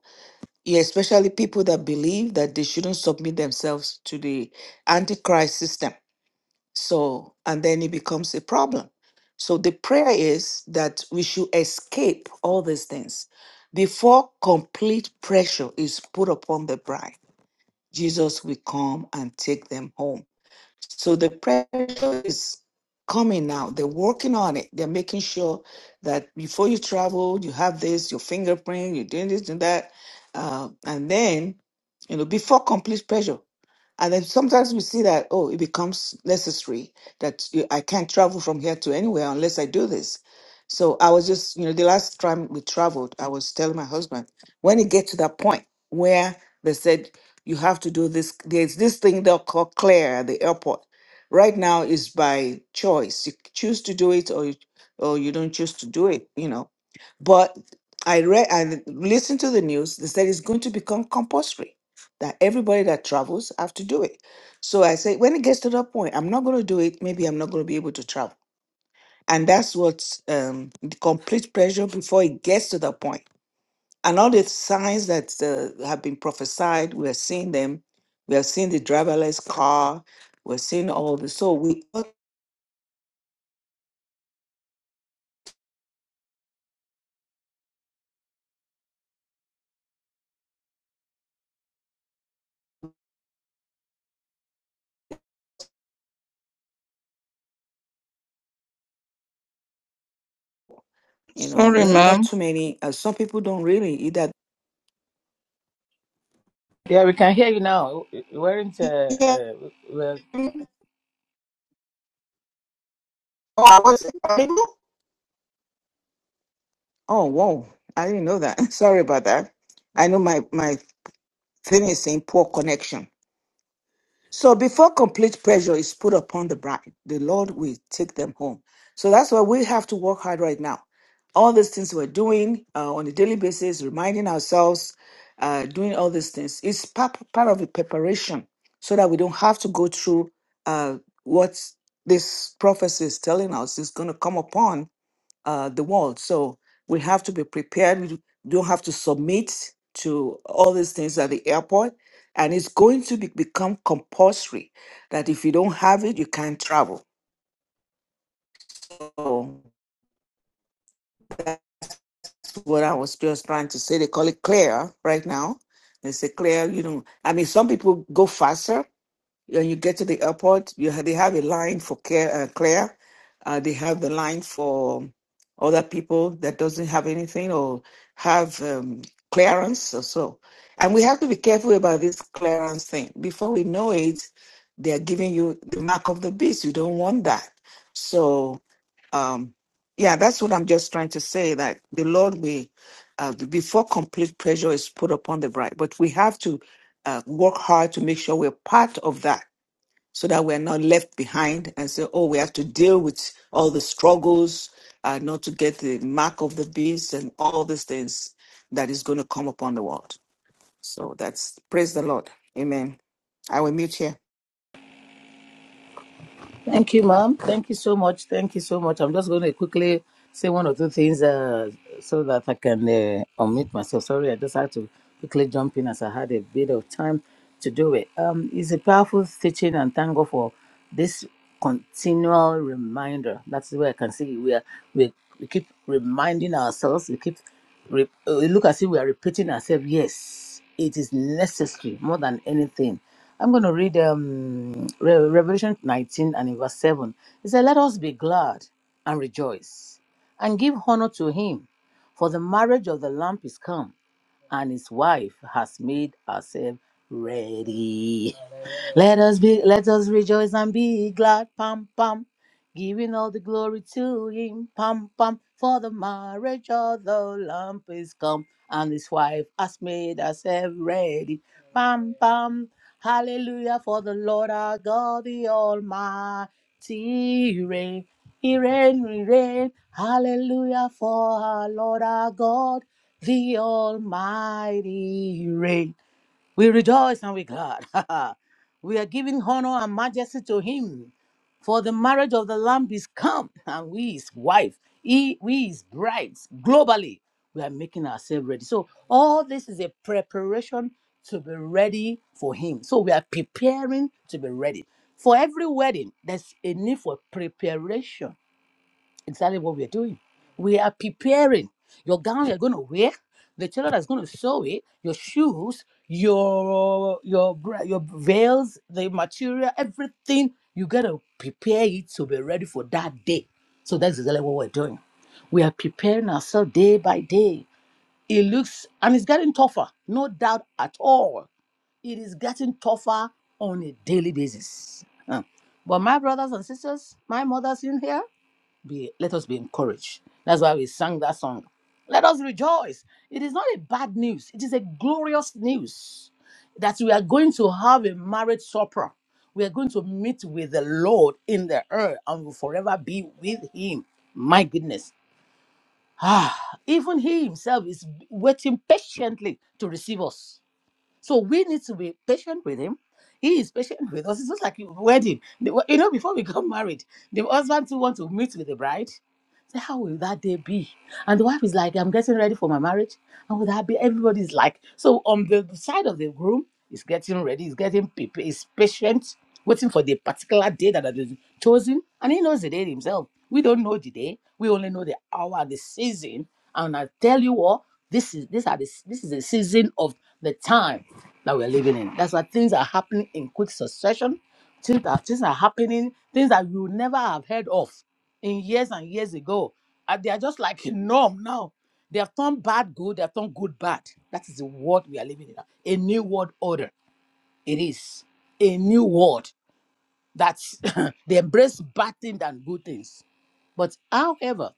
yeah, especially people that believe that they shouldn't submit themselves to the antichrist system. So, and then it becomes a problem. So, the prayer is that we should escape all these things before complete pressure is put upon the bride. Jesus will come and take them home. So the pressure is coming now. They're working on it. They're making sure that before you travel, you have this, your fingerprint, you're doing this, doing that. Uh, and then, you know, before complete pressure. And then sometimes we see that, oh, it becomes necessary that you- I can't travel from here to anywhere unless I do this. So I was just, you know, the last time we traveled, I was telling my husband, when it gets to that point where they said, you have to do this, there's this thing they'll call Claire at the airport. Right now is by choice. You choose to do it or you, or you don't choose to do it, you know. But I read, I listened to the news, they said it's going to become compulsory that everybody that travels have to do it. So I say, when it gets to that point, I'm not going to do it. Maybe I'm not going to be able to travel. And that's what's um, the complete pressure before it gets to that point. And all the signs that uh, have been prophesied, we're seeing them. We are seeing the driverless car. We're seeing all this. So we, thought, you know, Sorry, ma- not ma'am. too many. Uh, some people don't really either. Yeah, we can hear you now. We we weren't. <laughs> Uh, Yeah. uh, well, Oh, I wasn't audible? Oh, whoa. I didn't know that. <laughs> Sorry about that. I know my, my finishing poor connection. So before complete pressure is put upon the bride, the Lord will take them home. So that's why we have to work hard right now. All these things we're doing uh, on a daily basis, reminding ourselves, uh, doing all these things is part, part of the preparation so that we don't have to go through uh, what this prophecy is telling us is going to come upon uh, the world. So we have to be prepared. We don't have to submit to all these things at the airport. And it's going to be, become compulsory that if you don't have it, you can't travel. So what I was just trying to say, they call it clear right now. They say clear, you know. I mean, some people go faster, When you get to the airport, you ha- they have a line for care, uh, Claire. Uh, they have the line for other people that doesn't have anything or have um, clearance or so. And we have to be careful about this clearance thing. Before we know it, they are giving you the mark of the beast. You don't want that. So, um, yeah, that's what I'm just trying to say. That the Lord will, uh, before complete pressure is put upon the bride, but we have to uh, work hard to make sure we're part of that so that we're not left behind and say, oh, we have to deal with all the struggles, uh, not to get the mark of the beast and all these things that is going to come upon the world. So that's praise the Lord. Amen. I will mute here. thank you, ma'am. Thank you so much. Thank you so much. I'm just going to quickly say one or two things uh, so that I can uh, unmute myself. Sorry, I just had to quickly jump in as I had a bit of time to do it. Um, it's a powerful teaching, and thank God for this continual reminder. That's the way I can see we are. We, we keep reminding ourselves. We keep. Re- uh, we look as if we are repeating ourselves. Yes it is necessary more than anything. I'm going to read um, Re- Revelation 19 and in verse 7. It says, Let us be glad and rejoice and give honor to him, for the marriage of the Lamb is come, and his wife has made herself ready. Let us be, let us rejoice and be glad. Pam, pam giving all the glory to him. Pam pam for the marriage of the lamb is come, and his wife has made herself ready. Pam pam, hallelujah for the Lord our God, the Almighty reign. He reign, he reign. Hallelujah for our Lord our God, the Almighty reign. We rejoice and we're glad. <laughs> we are giving honor and majesty to him. For the marriage of the Lamb is come, and we his wife, he, we his brides. Globally, we are making ourselves ready. So, all this is a preparation to be ready for him. So, we are preparing to be ready. For every wedding, there's a need for preparation exactly what we're doing. We are preparing your gown you're going to wear, the tailor that's going to sew it, your shoes, your your bra- your veils, the material, everything. You got to prepare it to be ready for that day. So that's exactly what we're doing. We are preparing ourselves day by day. It looks and it's getting tougher, no doubt at all. It is getting tougher on a daily basis. Huh. But my brothers and sisters, my mothers in here, be let us be encouraged that's why we sang that song let us rejoice it is not a bad news it is a glorious news that we are going to have a marriage supper we are going to meet with the lord in the earth and will forever be with him my goodness ah even he himself is waiting patiently to receive us so we need to be patient with him he is patient with us. It's just like a wedding. The- You know, before we got married, the husband too want to meet with the bride. Say, how will that day be? And the wife is like, I'm getting ready for my marriage. How will that be? Everybody's like, so on the side of the groom is getting ready, is getting prepared, is patient, waiting for the particular day that has been chosen. And he knows the day himself. We don't know the day. We only know the hour, and the season. And I tell you what, this is this are the, this is the season of the time that we're living in. That's why things are happening in quick succession. Things are, things are happening, things that you would never have heard of in years and years ago. And they are just like a norm now. They have turned bad good, they have turned good bad. That is the world we are living in now. A new world order. It is a new world that <laughs> <clears throat> they embrace bad things and good things. But however,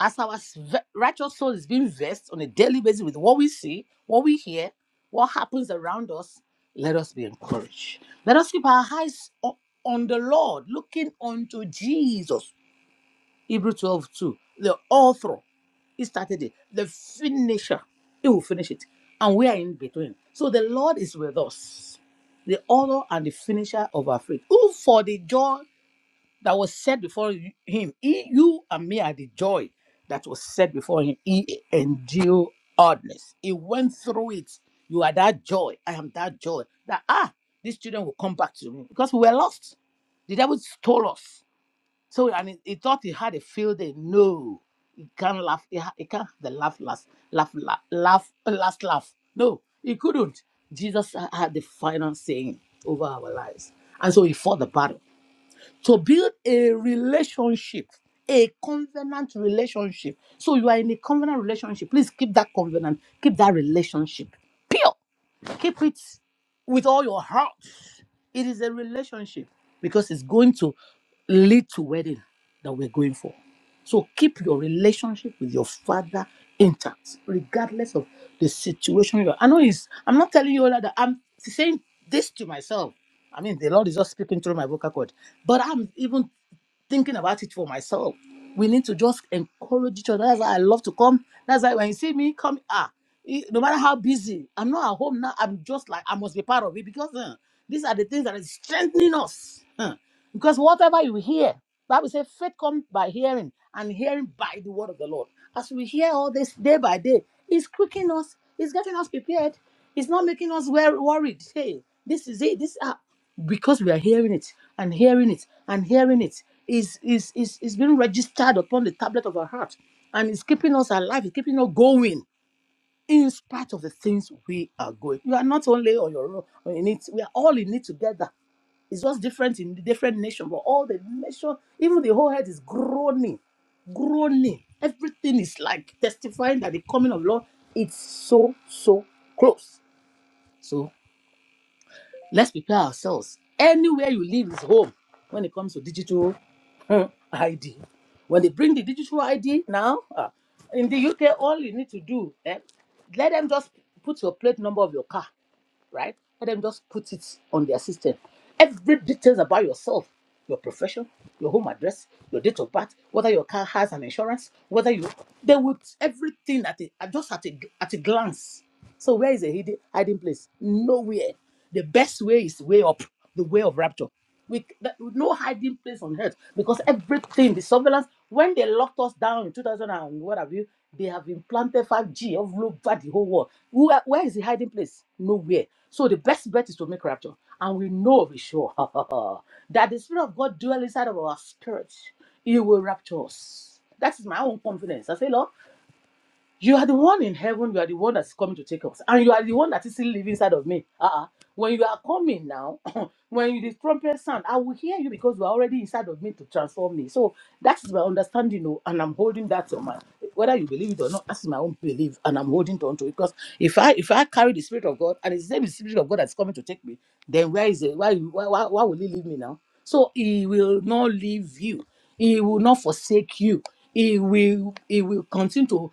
as our s- ve- righteous soul is being vexed on a daily basis with what we see, what we hear, what happens around us, let us be encouraged. Let us keep our eyes o- on the Lord, looking unto Jesus. Hebrew 12 2. the author. He started it, the finisher. He will finish it. And we are in between. So the Lord is with us, the author and the finisher of our faith, who for the joy that was set before him. He, you and me are the joy that was set before him. He endured hardness. He went through it. You are that joy. I am that joy. That ah, these children will come back to me because we were lost. The devil stole us. So and he, he thought he had a field day. No, he can't laugh. He, ha- he can't have the laugh last laugh laugh laugh last laugh. No, he couldn't. Jesus ha- had the final saying over our lives, and so he fought the battle to build a relationship, a covenant relationship. So you are in a covenant relationship. Please keep that covenant, keep that relationship pure. Keep it with all your heart. It is a relationship because it's going to lead to wedding that we're going for. So keep your relationship with your father intact, regardless of the situation you're. I know it's. I'm not telling you all that. I'm saying this to myself. I mean, the Lord is just speaking through my vocal cord, but I'm even thinking about it for myself. We need to just encourage each other. That's why I love to come. That's why when you see me come, ah, e- no matter how busy, I'm not at home now. I'm just like I must be part of it because uh, these are the things that is strengthening us. huh. Because whatever you hear, Bible says faith comes by hearing, and hearing by the word of the Lord. As we hear all this day by day, it's quickening us. It's getting us prepared. It's not making us wor- worried. Hey, this is it. This ah because we are hearing it and hearing it and hearing it is is is is being registered upon the tablet of our heart and it's keeping us alive it's keeping us going in spite of the things we are going you are not only on your own in it we are all in it together it's just different in the different nation but all the nation even the whole head is groaning groaning everything is like testifying that the coming of lord it's so so close So. Let's prepare ourselves. Anywhere you live is home when it comes to digital hmm, ID. When they bring the digital ID now, ah, in the UK, all you need to do, eh, let them just put your plate number of your car right? Let them just put it on their system. Every details about yourself, your profession, your home address, your date of birth, whether your car has an insurance, whether you they would everything at a, at just at a at a glance. So where is a hidden hiding place? Nowhere. The best way is way up, the way of rapture. We that, no hiding place on earth because everything the surveillance when they locked us down in 2000 and what have you, they have implanted 5G all over the whole world. Where, where is the hiding place? Nowhere. So the best bet is to make rapture, and we know for sure <laughs> that the spirit of God dwells inside of our spirit. He will rapture us. That is my own confidence. I say, Lord. You are the one in heaven. You are the one that's coming to take us. And you are the one that is still living inside of me. Uh-uh. When you are coming now, <clears throat> when you, the trumpet sound, I will hear you because you are already inside of me to transform me. So that is my understanding, oh, and I'm holding that on my whether you believe it or not, that's my own belief, and I'm holding on to it. Because if I if I carry the spirit of God and it's the same spirit of God that's coming to take me, then where is it? Why why why, why will he leave me now? So he will not leave you. He will not forsake you. He will he will continue to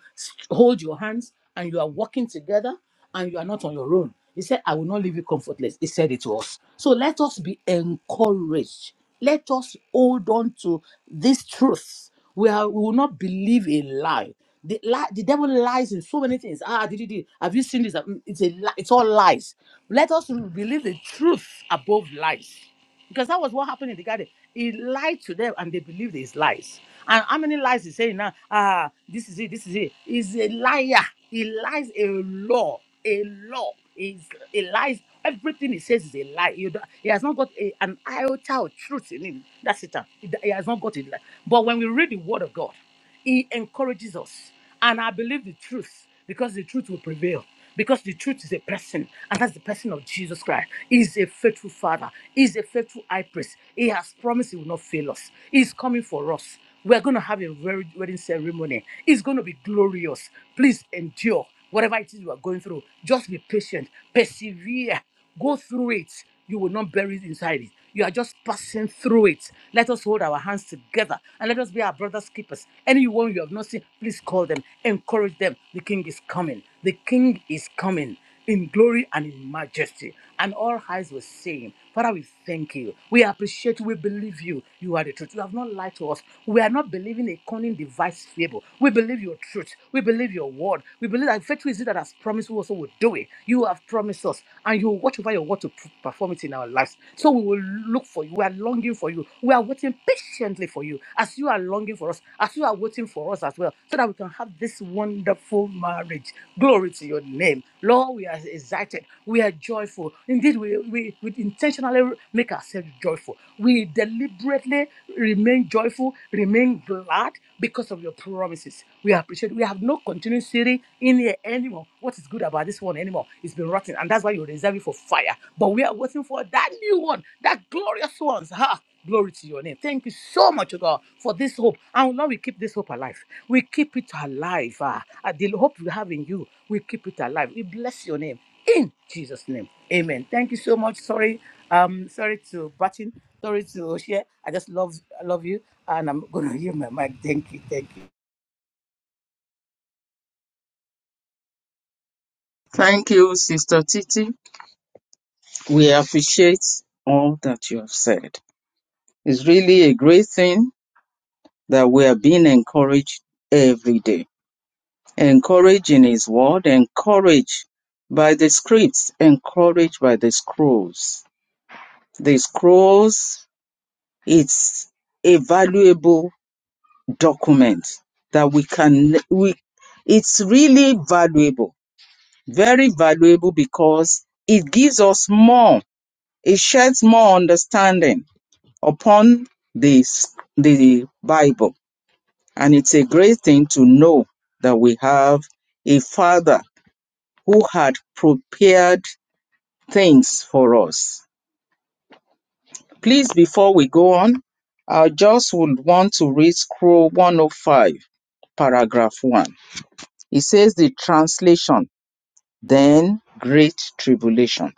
hold your hands and you are walking together and you are not on your own. He said, I will not leave you comfortless. He said it to us. So let us be encouraged. Let us hold on to this truth. We, are, we will not believe a lie. The, li- the devil lies in so many things. Ah, did, did, did. have you seen this? Mm, It's a li- it's all lies. Let us believe the truth above lies. Because that was what happened in the garden. He lied to them and they believed his lies. And how many lies he's saying now? Ah, this is it, this is it. He's a liar. He lies a law, a law. He's, he lies. Everything he says is a lie. You don't- He has not got a, an iota of truth in him. That's it. He he has not got it. But when we read the word of God, he encourages us. And I believe the truth because the truth will prevail. Because the truth is a person, and that's the person of Jesus Christ. He is a faithful Father. He is a faithful high priest. He has promised He will not fail us. He is coming for us. We are going to have a very wedding ceremony. It's going to be glorious. Please endure whatever it is you are going through, just be patient, persevere, go through it. You will not bury it inside it. You are just passing through it. Let us hold our hands together and let us be our brother's keepers. Anyone you have not seen, please call them, encourage them. The king is coming. The king is coming in glory and in majesty. And all eyes were saying, Father, we thank you. We appreciate you. We believe you. You are the truth. You have not lied to us. We are not believing a cunning device fable. We believe your truth. We believe your word. We believe that faithful is it that has promised we also will do it. You have promised us, and you will watch over your word to p- perform it in our lives. So we will look for you. We are longing for you. We are waiting patiently for you as you are are longing for us, as you are waiting for us as well, so that we can have this wonderful marriage. Glory to your name. Lord, we are excited. We are joyful. Indeed, we, we, we intentionally make ourselves joyful. We deliberately remain joyful, remain glad because of your promises. We appreciate We have no continuity in here anymore. What is good about this one anymore? It's been rotten, and that's why you reserve it for fire. But we are waiting for that new one, that glorious ones, one. Glory to your name. Thank you so much, oh God, for this hope. And Lord, we keep this hope alive. We keep it alive. ah. Ah, the hope we have in you, we keep it alive. We bless your name in Jesus' name. Amen. Thank you so much. Sorry, um, sorry to Batin, sorry to share. I just love, I love you, and I'm gonna <laughs> hear my mic. Thank you, thank you. Thank you, Sister Titi. We appreciate all that you have said. It's really a great thing that we are being encouraged every day. Encouraged in His Word, encouraged by the scripts, encouraged by the scrolls. The scrolls, it's a valuable document that we can, we, it's really valuable, very valuable because it gives us more, it sheds more understanding upon this, the Bible And it's a great thing to know that we have a Father who had prepared things for us. Please, before we go on, I just would want to read Scroll 105, paragraph 1. It says the translation, then great tribulation.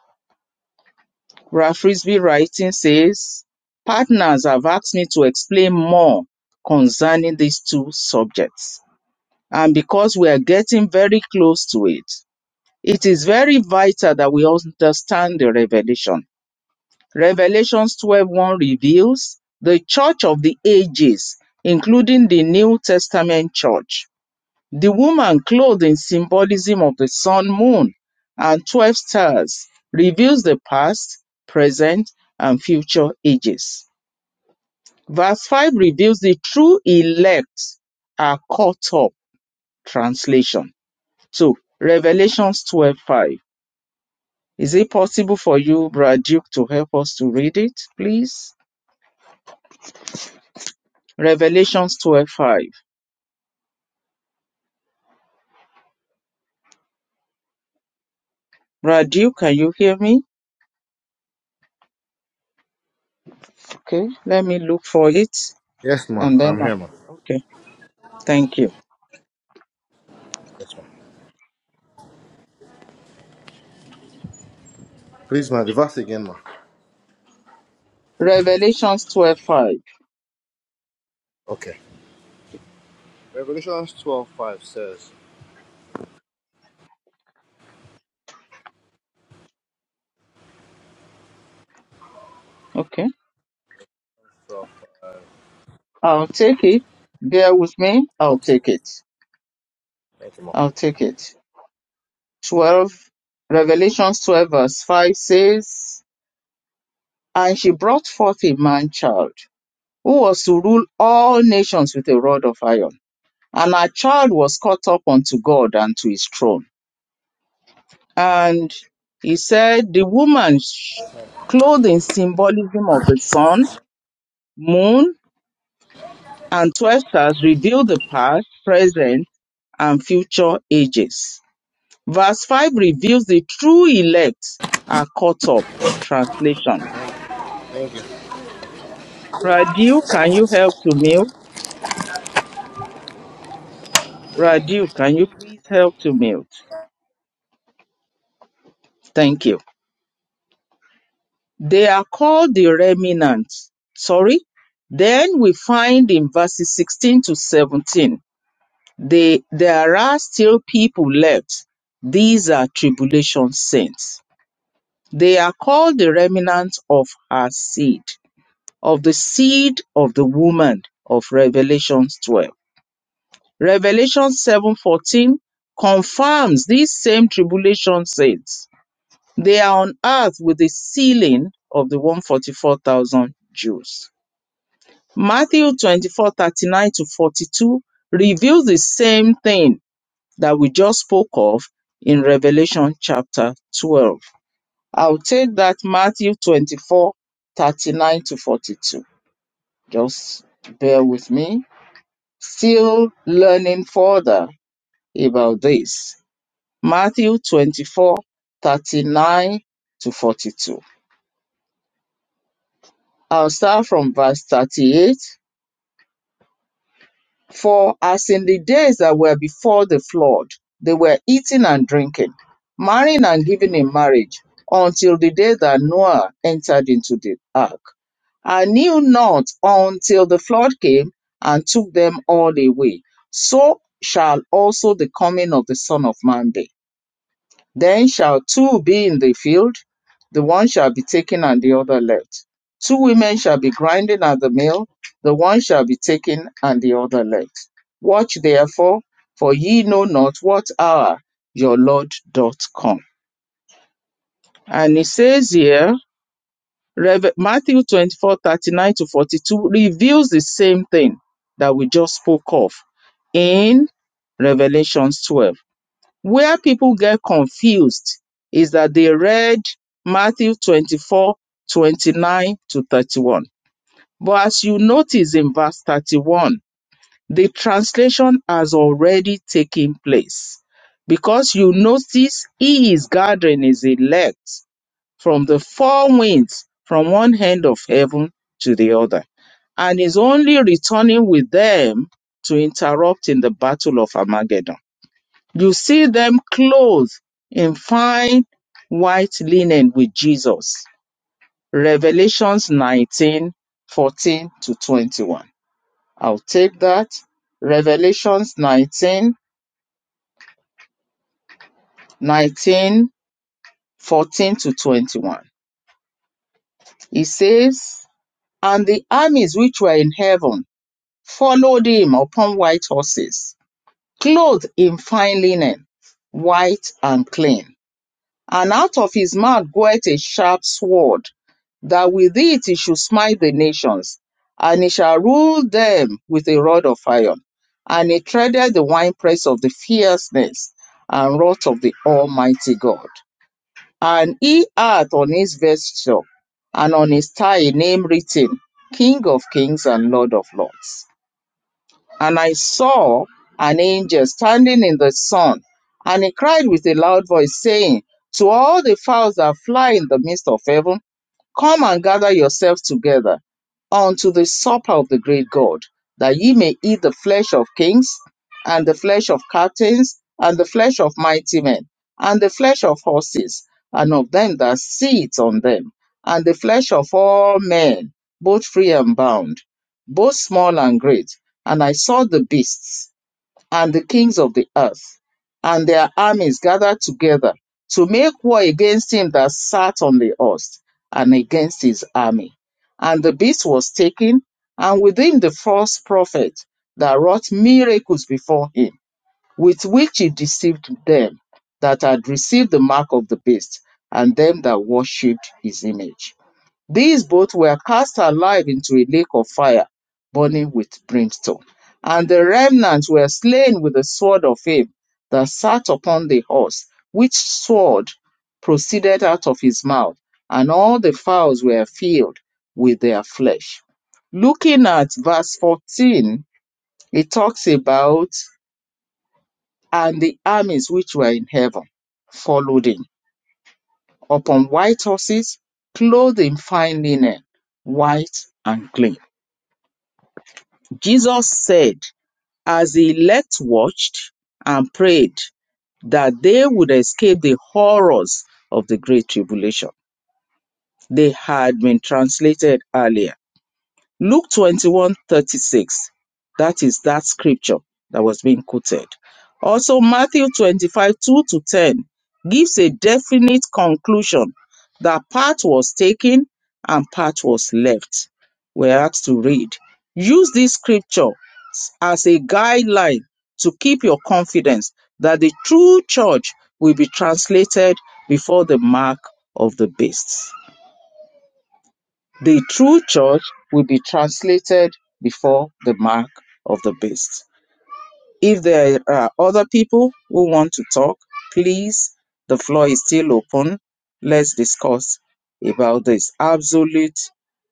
Ralph Frisbee writing says, partners have asked me to explain more concerning these two subjects. And because we are getting very close to it, It is very vital that we understand the revelation. Revelations twelve one reveals the church of the ages, including the New Testament church. The woman clothed in symbolism of the sun, moon, and 12 stars reveals the past, present, and future ages. Verse 5 reveals the true elect are caught up translation. So, Revelations 12:5 Is it possible for you, Braduke, to help us to read it, please? Revelations 12 5. Braduke, can you hear me? Okay, let me look for it Yes, ma. and then. I'm I- here, ma. Okay, thank you. Yes, ma. Please, ma. The verse again, ma. Revelations 12 5. Okay. Revelations twelve five says, Okay, "From I'll take it. Bear with me. I'll okay, ma. take it. Thank you, ma. I'll take it. 12. Revelations 12 verse 5 says, And she brought forth a man child who was to rule all nations with a rod of iron And our child was caught up unto God and to his throne. And he said, The woman sh- clothed in symbolism of the sun, moon, and 12 stars revealed the past, present, and future ages. Verse 5 reveals the true elect are caught up. Translation. Thank you. Radu, can you help to mute? Radu, can you please help to mute? Thank you. They are called the remnant. Sorry. Then we find in verses 16 to 17, they, there are still people left. These are tribulation saints. They are called the remnant of her seed, of the seed of the woman of Revelation 12. Revelation 7:14 confirms these same tribulation saints. They are on earth with the sealing of the 144,000 Jews. Matthew 24 39 to 42 reveals the same thing that we just spoke of in Revelation chapter 12. I'll take that Matthew 24 39 to 42. Just bear with me. Still learning further about this. Matthew 24 39 to 42. I'll start from verse 38 For as in the days that were before the flood, they were eating and drinking, marrying and giving in marriage, until the day that Noah entered into the ark, and knew not until the flood came and took them all away. So shall also the coming of the Son of Man be. Then shall two be in the field, the one shall be taken and the other left. Two women shall be grinding at the mill, the one shall be taken and the other left. Watch therefore, for ye know not what hour your Lord doth come. And it says here, Rev- Matthew 24 39 to 42 reveals the same thing that we just spoke of in Revelations 12. Where people get confused is that they read Matthew 24 29 to 31. But as you notice in verse 31, the translation has already taken place because you notice he is gathering his elect from the four winds from one end of heaven to the other and is only returning with them to interrupt in the battle of Armageddon. You see them clothed in fine white linen with Jesus. Revelations 19 14 to 21. I'll take that. Revelations nineteen nineteen fourteen to 21. It says, And the armies which were in heaven followed him upon white horses, clothed in fine linen, white and clean And out of his mouth goeth a sharp sword, that with it he should smite the nations, and he shall rule them with a rod of iron. And he treaded the winepress of the fierceness and wrath of the Almighty God. And he hath on his vesture and on his thigh a name written, King of kings and Lord of lords. And I saw an angel standing in the sun, and he cried with a loud voice, saying, To all the fowls that fly in the midst of heaven, Come and gather yourselves together unto the supper of the great God, that ye may eat the flesh of kings, and the flesh of captains, and the flesh of mighty men, and the flesh of horses, and of them that sit on them, and the flesh of all men, both free and bound, both small and great. And I saw the beasts and the kings of the earth, and their armies gathered together to make war against him that sat on the horse, and against his army. And the beast was taken, and with him the false prophet that wrought miracles before him, with which he deceived them that had received the mark of the beast, and them that worshipped his image. These both were cast alive into a lake of fire, burning with brimstone. And the remnant were slain with the sword of him that sat upon the horse, which sword proceeded out of his mouth, and all the fowls were filled with their flesh. Looking at verse 14, it talks about, and the armies which were in heaven followed him upon white horses, clothed in fine linen, white and clean. Jesus said, as the elect watched and prayed, that they would escape the horrors of the Great Tribulation. They had been translated earlier. Luke twenty one thirty that is that scripture that was being quoted. Also, Matthew 25 2 to 10 gives a definite conclusion that part was taken and part was left. We're asked to read. Use this scripture as a guideline to keep your confidence that the true church will be translated before the mark of the beast. The true church will be translated before the mark of the beast. If there are other people who want to talk, please, the floor is still open. Let's discuss about this absolute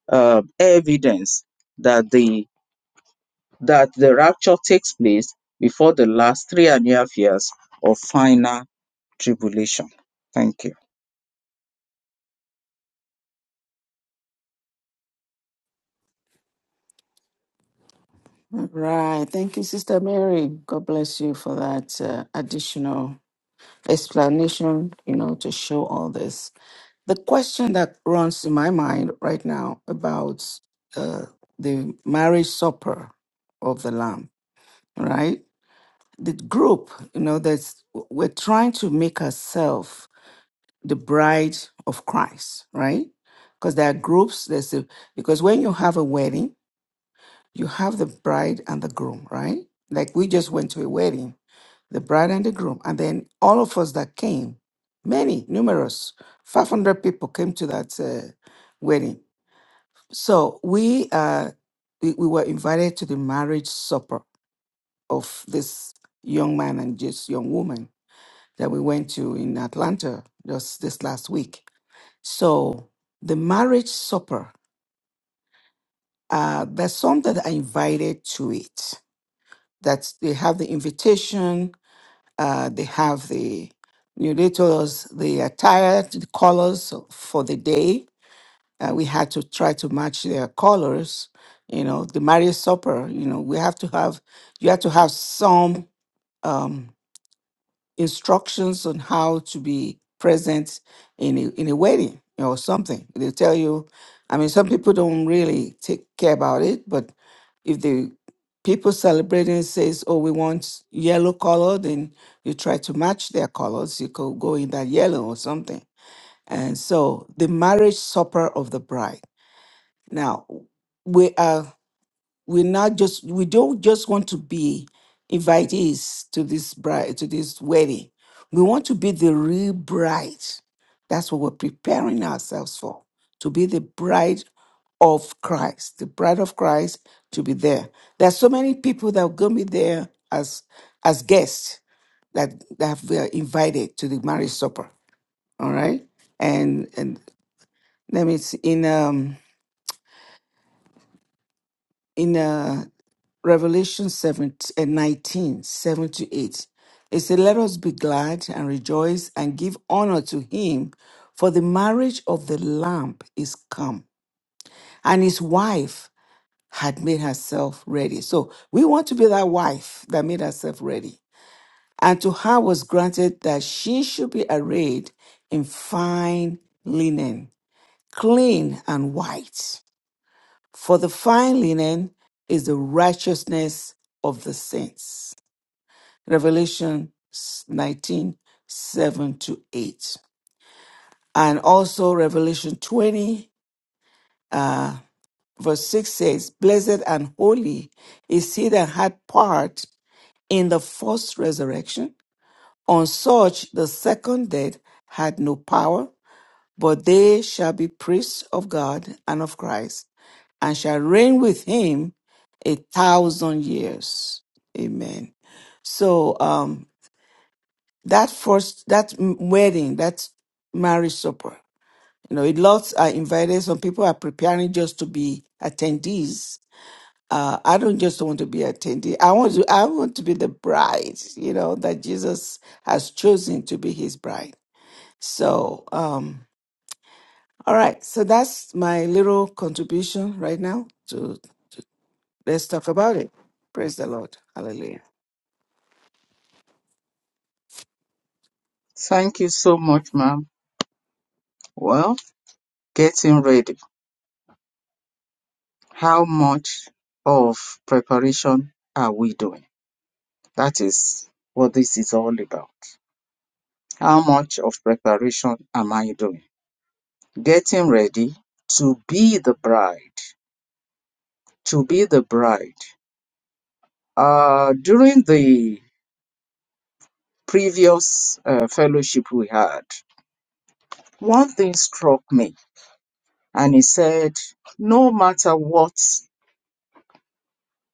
uh, evidence that the that the rapture takes place before the last three and a half years of final tribulation. Thank you. Right, Thank you, Sister Mary. God bless you for that uh, additional explanation, you know, to show all this. The question that runs in my mind right now about uh, the marriage supper of the Lamb, right? the group, you know, that's we're trying to make ourselves the bride of Christ, right? Because there are groups. There's a, because when you have a wedding, you have the bride and the groom, right? Like we just went to a wedding, the bride and the groom, and then all of us that came, many, numerous, five hundred people came to that uh, wedding. So we, uh, we we were invited to the marriage supper of this young man and this young woman that we went to in Atlanta just this last week. So the marriage supper, uh, there's some that are invited to it. That they have the invitation, uh, they have the you know, they told us the attire, the colors for the day. Uh, we had to try to match their colors. You know, the marriage supper. You know, we have to have you have to have some. Um, instructions on how to be present in a, in a wedding or something. They tell you, I mean, some people don't really take care about it, but if the people celebrating says, "Oh, we want yellow color," then you try to match their colors. You could go in that yellow or something. And so, the marriage supper of the bride. Now, we are we're not just we don't just want to be invitees to this bride to this wedding we want to be the real bride that's what we're preparing ourselves for to be the bride of christ the bride of christ to be there there's so many people that are going to be there as as guests that that were invited to the marriage supper all right and and let me see in um in uh Revelation 7 and 19, 7 to 8. It says, Let us be glad and rejoice and give honor to him, for the marriage of the Lamb is come, and his wife had made herself ready. So we want to be that wife that made herself ready. And to her was granted that she should be arrayed in fine linen, clean and white. For the fine linen is the righteousness of the saints. Revelation 19 7 to 8. And also Revelation 20, uh, verse 6 says, Blessed and holy is he that had part in the first resurrection. On such the second dead had no power, but they shall be priests of God and of Christ, and shall reign with him a thousand years. Amen. So, um, that first that m- wedding that marriage supper you know it lots are invited some people are preparing just to be attendees uh, i don't just want to be attendee i want to i want to be the bride you know that jesus has chosen to be his bride so um all right so that's my little contribution right now to let's talk about it praise the lord hallelujah Thank you so much, ma'am. Well, getting ready. How much of preparation are we doing? That is what this is all about. How much of preparation am I doing? Getting ready to be the bride. To be the bride. Uh, during the previous uh, fellowship we had, one thing struck me, and he said, No matter what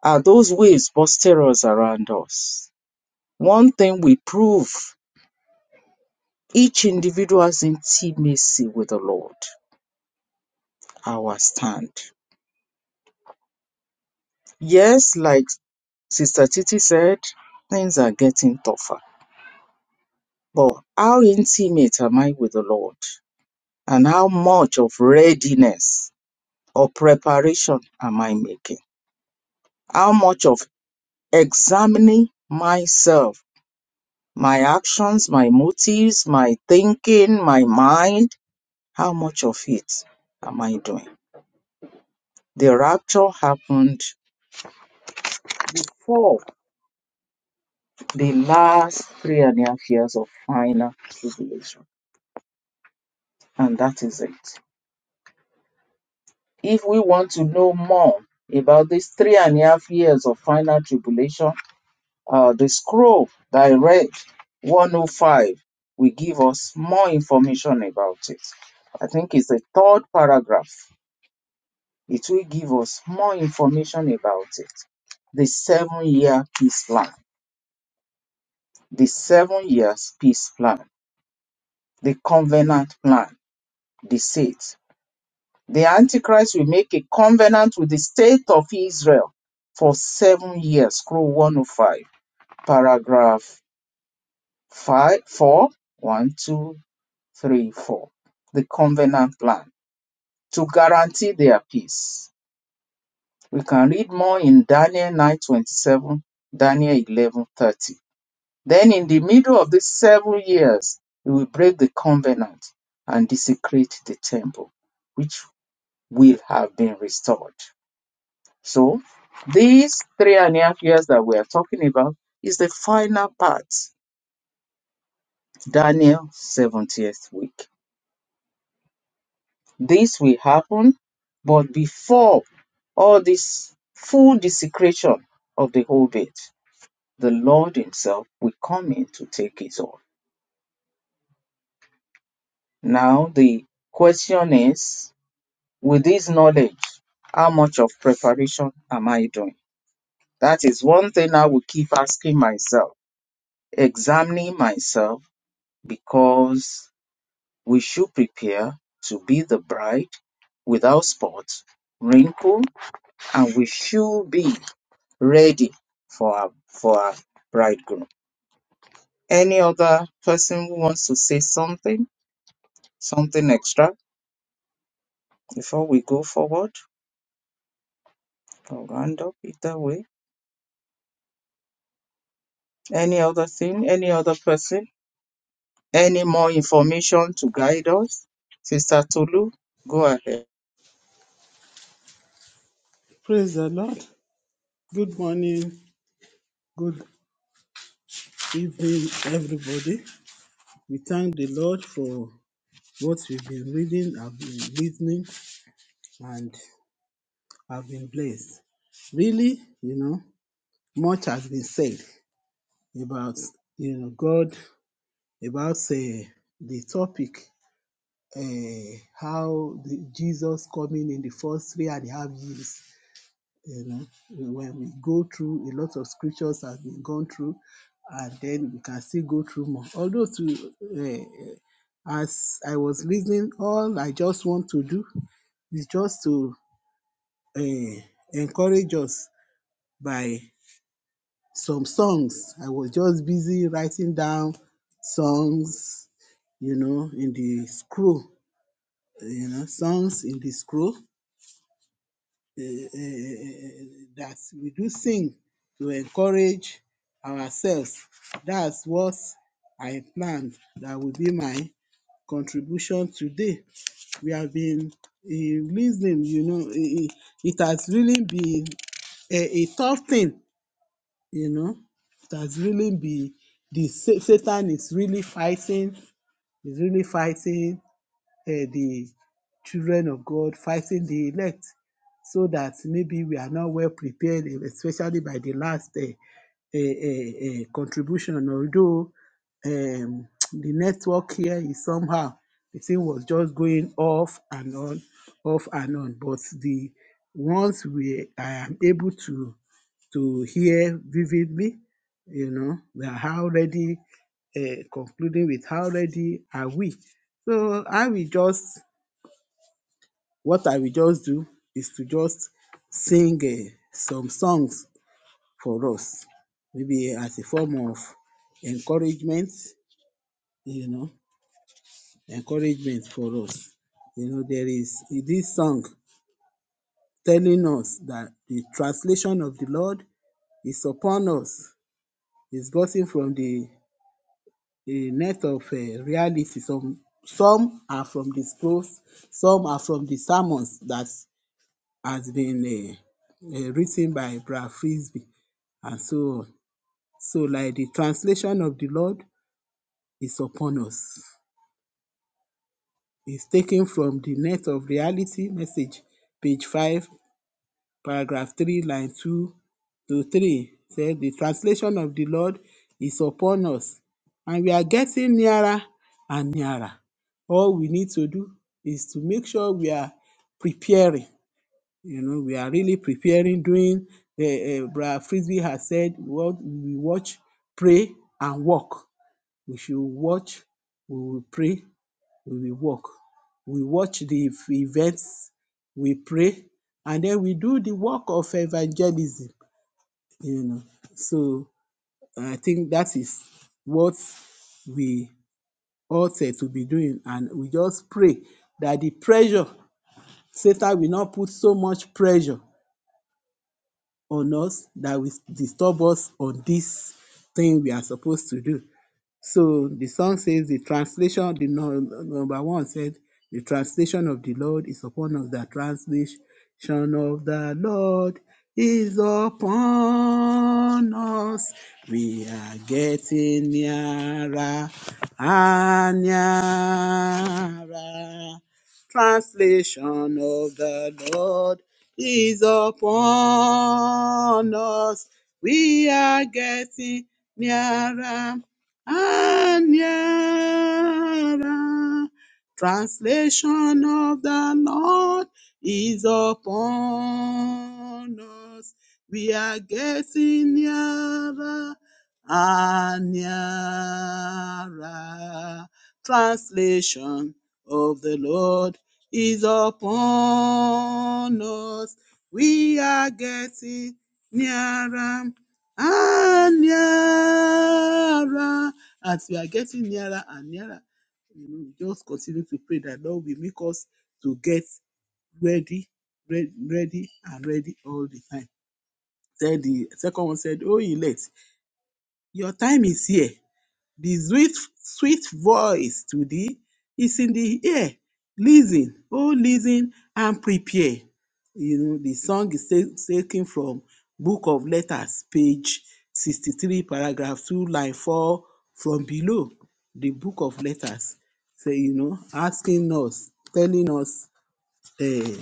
are those waves boisterous around us, one thing we prove each individual's intimacy with the Lord, our stand. Yes, like Sister Titi said, things are getting tougher. But how intimate am I with the Lord? And how much of readiness or preparation am I making? How much of examining myself, my actions, my motives, my thinking, my mind? How much of it am I doing? The rapture happened before the last three and a half years of final tribulation. And that is it. If we want to know more about these three and a half years of final tribulation, uh, the scroll that I read, 105, will give us more information about it. I think it's the third paragraph. It will give us more information about it. The seven year peace plan, the seven years peace plan, the covenant plan, the seed. The Antichrist will make a covenant with the state of Israel for seven years. Scroll 105, paragraph five, four, one, two, three, four. The covenant plan to guarantee their peace. We can read more in Daniel 9:27, Daniel 11:30. Then, in the middle of these seven years, he will break the covenant and desecrate the temple, which will have been restored. So these three and a half years that we are talking about is the final part, Daniel 70th week. This will happen, but before all this full desecration of the whole bit, the Lord Himself will come in to take it all. Now the question is, with this knowledge, how much of preparation am I doing? That is one thing I will keep asking myself, examining myself because we should prepare to be the bride without spot, wrinkle, and we should be ready for our, for our bridegroom. Any other person who wants to say something, something extra before we go forward? I'll round up either way. Any other thing, any other person, any more information to guide us? Sister Tolu, go ahead. Praise the Lord. Good morning, good evening, everybody. We thank the Lord for what we've been reading, I've been listening, and I've been blessed. Really, you know, much has been said about, you know, God, about say, the topic, uh, how the Jesus coming in the first three and a half years you know when we go through a lot of scriptures has been gone through and then we can still go through more although to uh, as i was listening all i just want to do is just to uh, encourage us by some songs i was just busy writing down songs you know in the scroll you know songs in the scroll eh, eh, eh, eh, that we do sing to encourage ourselves. That's what I planned. That will be my contribution today. We have been eh, listening, you know, eh, eh, it has really been a, a tough thing, you know. It has really been the sa- Satan is really fighting, is really fighting eh, the children of God fighting the elect so that maybe we are not well prepared, eh, especially by the last uh, uh, uh, contribution. Although um, <tsk> the network here is somehow, the thing was just going off and on, off and on. But the once we I am able to to hear vividly, you know, we are already uh, concluding with how ready are we. So I will just what I will just do is to just sing um some songs for us, maybe as a form of encouragement, you know, encouragement for us. You know, there is this song telling us that the translation of the Lord is upon us, is gotten from the the net of um reality. Some some are from the scrolls, some are from the sermons that has been uh, uh, written by Brad Frisbee and so on. So, like the translation of the Lord is upon us. It's taken from the Net of Reality message, page 5, paragraph 3, line 2 to 3. Said the translation of the Lord is upon us, and we are getting nearer and nearer. All we need to do is to make sure we are preparing you know we are really preparing doing uh, uh, brother frisbee has said what we watch pray and walk we should watch we will pray we will walk we watch the events we pray and then we do the work of evangelism you know so i think that is what we ought eh, to be doing and we just pray that the pressure satan will not put so much pressure on us that will disturb us on this thing we are supposed to do. So the song says the translation, the nu- number one said, the translation of the Lord is upon us. The translation of the Lord is upon us. We are getting nearer and nearer. Translation of the Lord is upon us. We are getting nearer Anyara. Translation of the Lord is upon us. We are getting nearer and nearer. Translation of the Lord is upon us. We are getting nearer and nearer as we are getting nearer and nearer, you know, just continue to pray that Lord will make us to get ready, ready, ready and ready all the time. Then the second one said, Oh elect, your time is here. The sweet, sweet voice to thee is in the ear. Listen, oh, listen and prepare. You know, the song is ta- taken from Book of Letters, page 63, paragraph 2, line 4, from below. The Book of Letters, say, you know, asking us, telling us eh,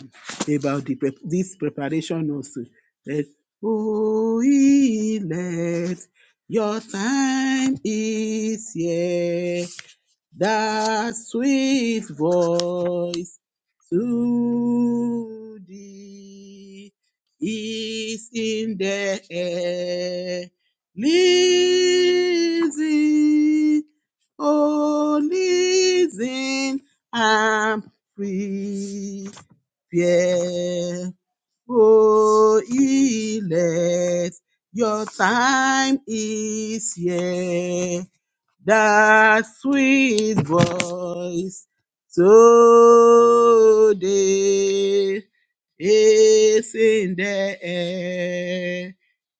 about the prep- this preparation also. That, oh, let your time is here. That sweet voice to thee is in the air. Listen, oh, listen, I'm free fear. Oh, Elect, your time is here. That sweet voice today is in the air.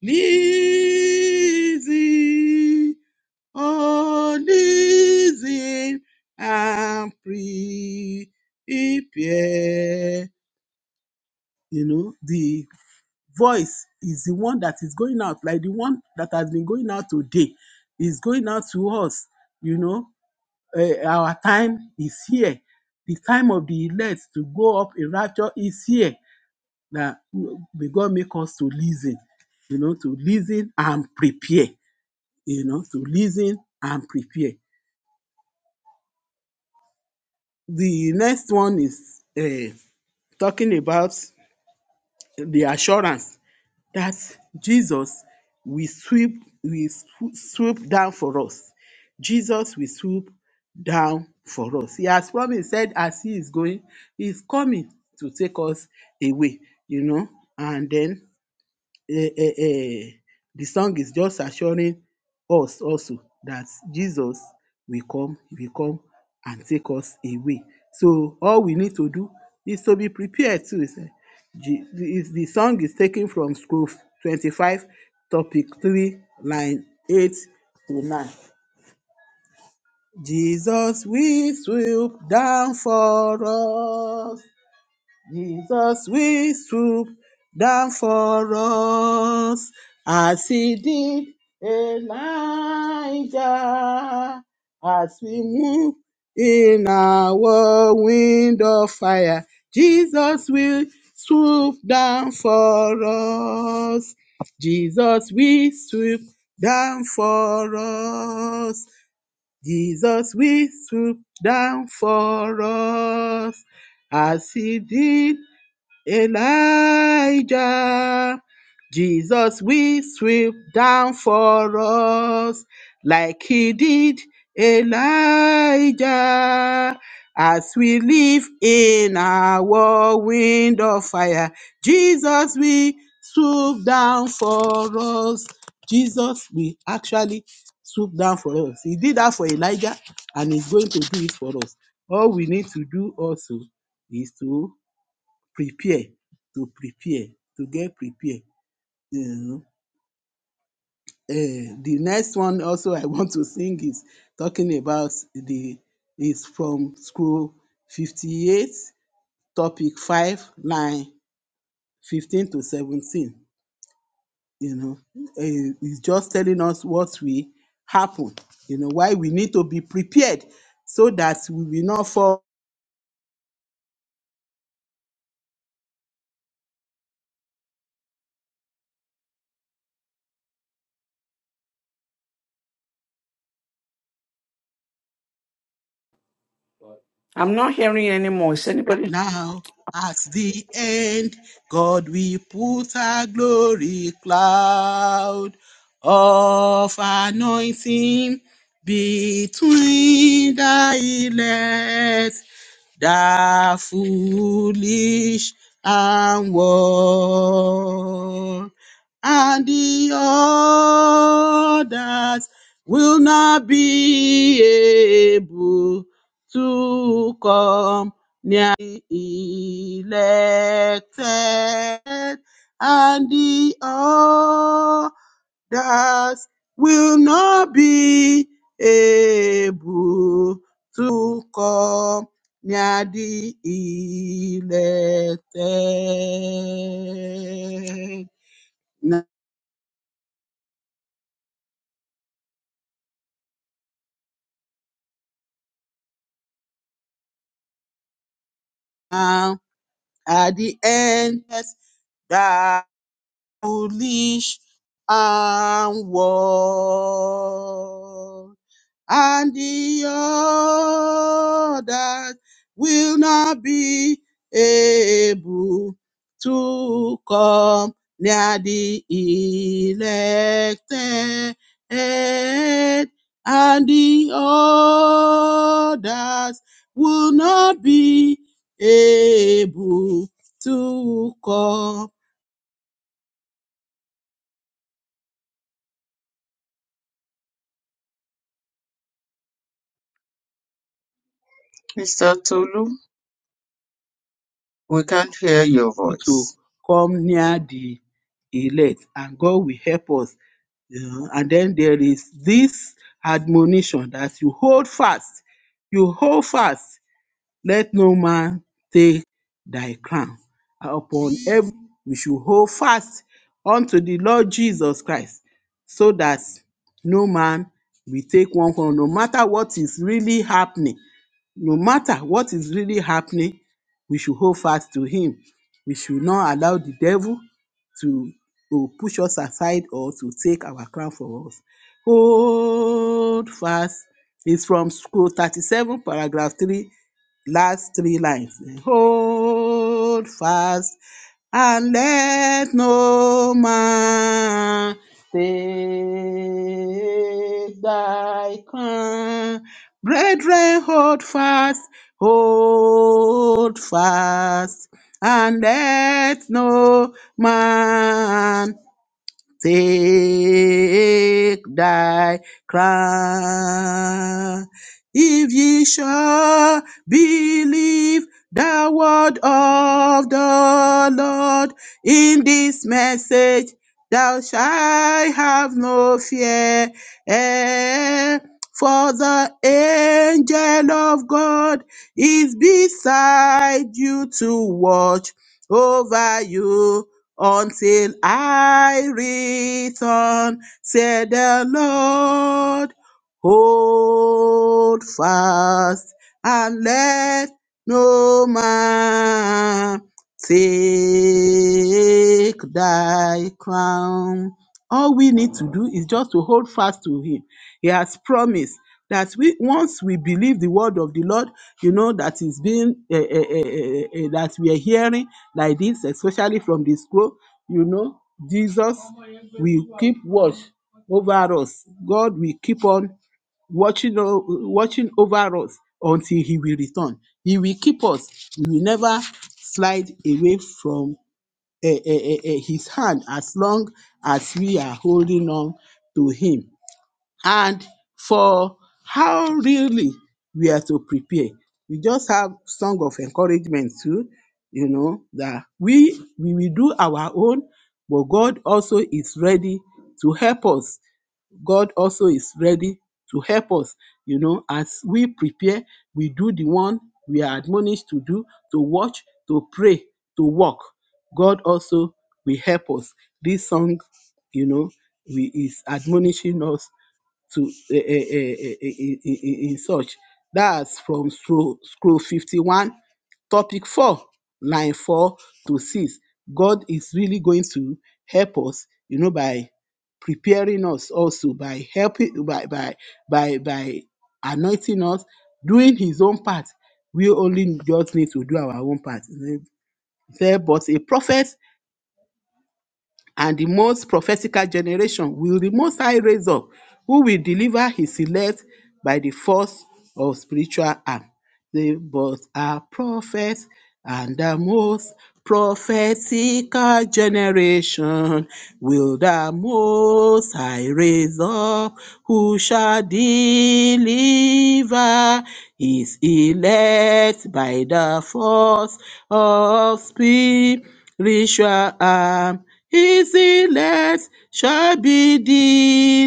Listen, oh, listen and prepare you know the voice is the one that is going out like the one that has been going out today is going out to us you know eh, our time is here the time of the elect to go up in rapture is here that may god make us to listen you know to listen and prepare you know to listen and prepare the next one is eh, talking about the assurance that Jesus will sweep will swo- swoop down for us. Jesus will swoop down for us. He has promised, said as he is going, he is coming to take us away, you know, and then eh, eh, eh, the song is just assuring us also that Jesus will come, will come and take us away. So all we need to do is to be prepared too. Is, eh, Je- the is- the song is taken from scroll 25, topic 3, line 8 to 9. Jesus will swoop down for us. Jesus will swoop down for us as he did Elijah as we move in our wind of fire. Jesus will swoop down for us. Jesus will swoop down for us. Jesus will swoop down for us as he did Elijah, Jesus will sweep down for us like he did Elijah. As we live in our wind of fire, Jesus will swoop down for us. Jesus will actually swoop down for us. He did that for Elijah and he's going to do it for us. All we need to do also is to prepare to prepare to get prepared. you know. Eh, the next one also I <laughs> want to sing is talking about the is from scroll 58 topic 5 line 15 to 17 you know Eh, it's just telling us what will happen you know why we need to be prepared so that we will not fall i'm not hearing anymore is anybody Now at the end, God we put a glory cloud of anointing between the legs, the foolish and war, and the others will not be able to come elected, and the others will not be able to come near the elected. Now, at the end, that foolish and war. and the others will not be able to come near the elected, and the others will not be able to come Mister Tolu, we can't hear your voice. to come near the elect, and God will help us Yeah, and then there is this admonition that you hold fast, you hold fast let no man take thy crown. And upon every we should hold fast unto the Lord Jesus Christ, so that no man will take one crown. No matter what is really happening, no matter what is really happening, we should hold fast to him. We should not allow the devil to, to push us aside or to take our crown from us. Hold fast is from scroll 37, paragraph 3 last three lines. Hold fast and let no man take thy crown. Brethren, hold fast, hold fast, and let no man take thy crown. If ye shall believe the word of the Lord in this message, thou shalt have no fear. eh, For the angel of God is beside you to watch over you until I return, said the Lord. Hold fast and let no man take thy crown. All we need to do is just to hold fast to Him he has promised that we once we believe the word of the Lord, you know that is being eh, eh, eh, eh, eh, eh, that we are hearing like this, especially from the scroll. You know, Jesus will keep watch over us. God will keep on watching o- watching over us until He will return. He will keep us. We will never slide away from eh, eh, eh, eh, His hand as long as we are holding on to Him and for how really we are to prepare. We just have song of encouragement too, you know, that we we will do our own, but God also is ready to help us. God also is ready to help us, you know, as we prepare, we do the one we are admonished to do, to watch, to pray, to walk. God also will help us. This song, you know, we, is admonishing us to eh, eh, eh, eh, eh, eh, in, in, in in such. That's from scroll, scroll 51, topic 4, line 4 to 6. God is really going to help us, you know, by preparing us also, by helping, by, by, by, by anointing us, doing his own part. We only just need to do our own part. He said, But a prophet and the most prophetical generation will the Most High raise up, who will deliver his elect by the force of spiritual arm. They both are prophets and the most prophetical generation will the most high raise up who shall deliver his elect by the force of spiritual arm his elect shall be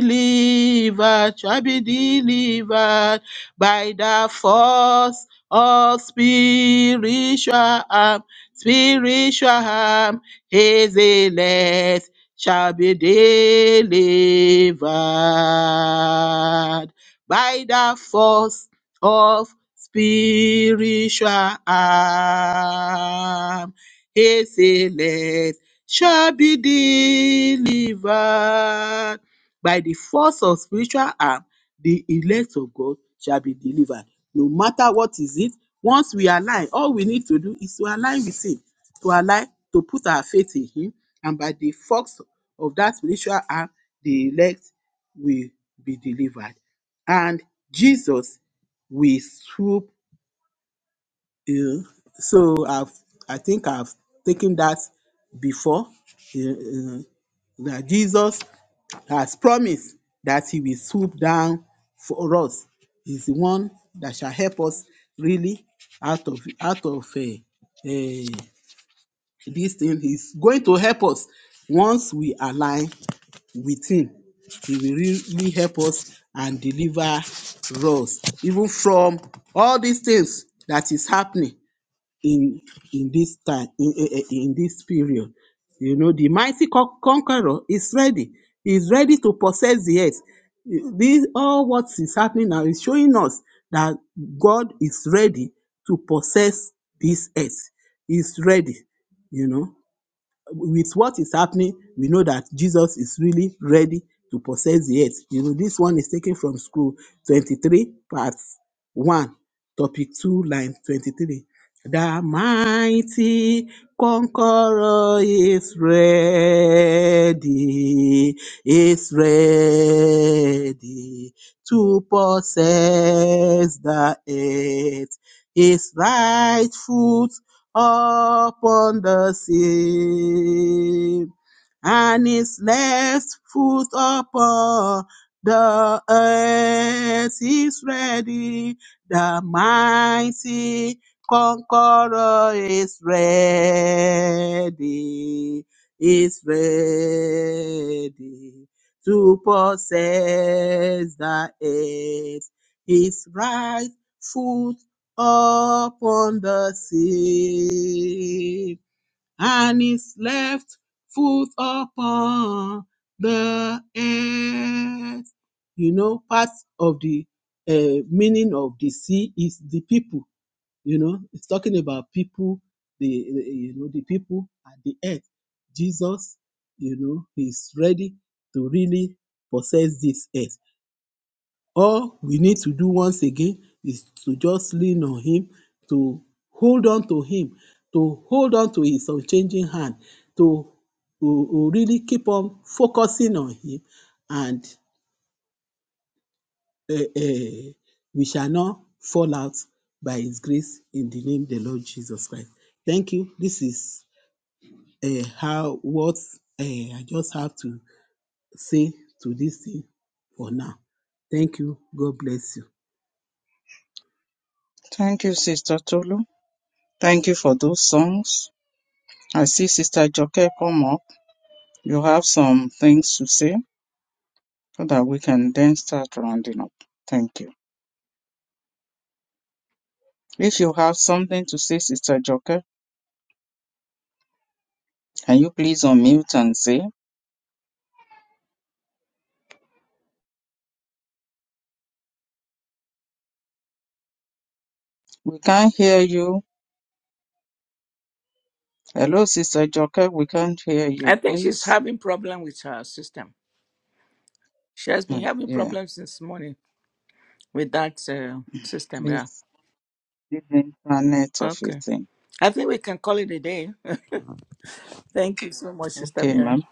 delivered, shall be delivered by the force of spiritual arm, spiritual arm. His elect shall be delivered by the force of spiritual arm. His elect shall be delivered. By the force of spiritual arm, the elect of God shall be delivered. No matter what is it, once we align, all we need to do is to align with Him, to align, to put our faith in Him, and by the force of that spiritual arm, the elect will be delivered. And Jesus will swoop in. So I've, I think I've taken that before. Uh, uh, that Jesus has promised that he will swoop down for us. He's the one that shall help us really out of out of eh, eh, this thing. He's going to help us once we align with him. He will really help us and deliver us even from all these things that is happening in in this time in, eh, eh, in this period you know the mighty con- conqueror is ready He is ready to possess the earth this all what is happening now is showing us that god is ready to possess this earth He is ready you know with what is happening, we know that Jesus is really ready to possess the earth. You know, this one is taken from school 23, part 1, topic 2, line 23. The mighty conqueror is ready, is ready to possess the earth. His right foot upon the sea and his left foot upon the earth is ready. The mighty conqueror is ready, is ready to possess the earth. His right foot upon the sea and his left foot upon the earth. You know, part of the uh, meaning of the sea is the people. You know, it's talking about people, the you know the people at the earth. Jesus, you know, he's ready to really possess this earth all we need to do once again is to just lean on him to hold on to him to hold on to his unchanging hand to to to really keep on focusing on him and uh, uh, we shall not fall out by his grace in the name of the lord jesus christ thank you this is uh, how what uh, i just have to say to this thing for now thank you god bless you Thank you, Sister Tolu. Thank you for those songs. I see Sister Joke come up. You have some things to say so that we can then start rounding up. Thank you. If you have something to say, Sister Joke, can you please unmute and say? We can't hear you. Hello, Sister Joke, we can't hear I you, think she's please. having problem with her system. She has been Mm, having Yeah, problems since morning with that uh, system. please. Yeah. This internet of a Okay. thing. I think we can call it a day. Thank you so much, Sister Okay, Miriam. ma'am.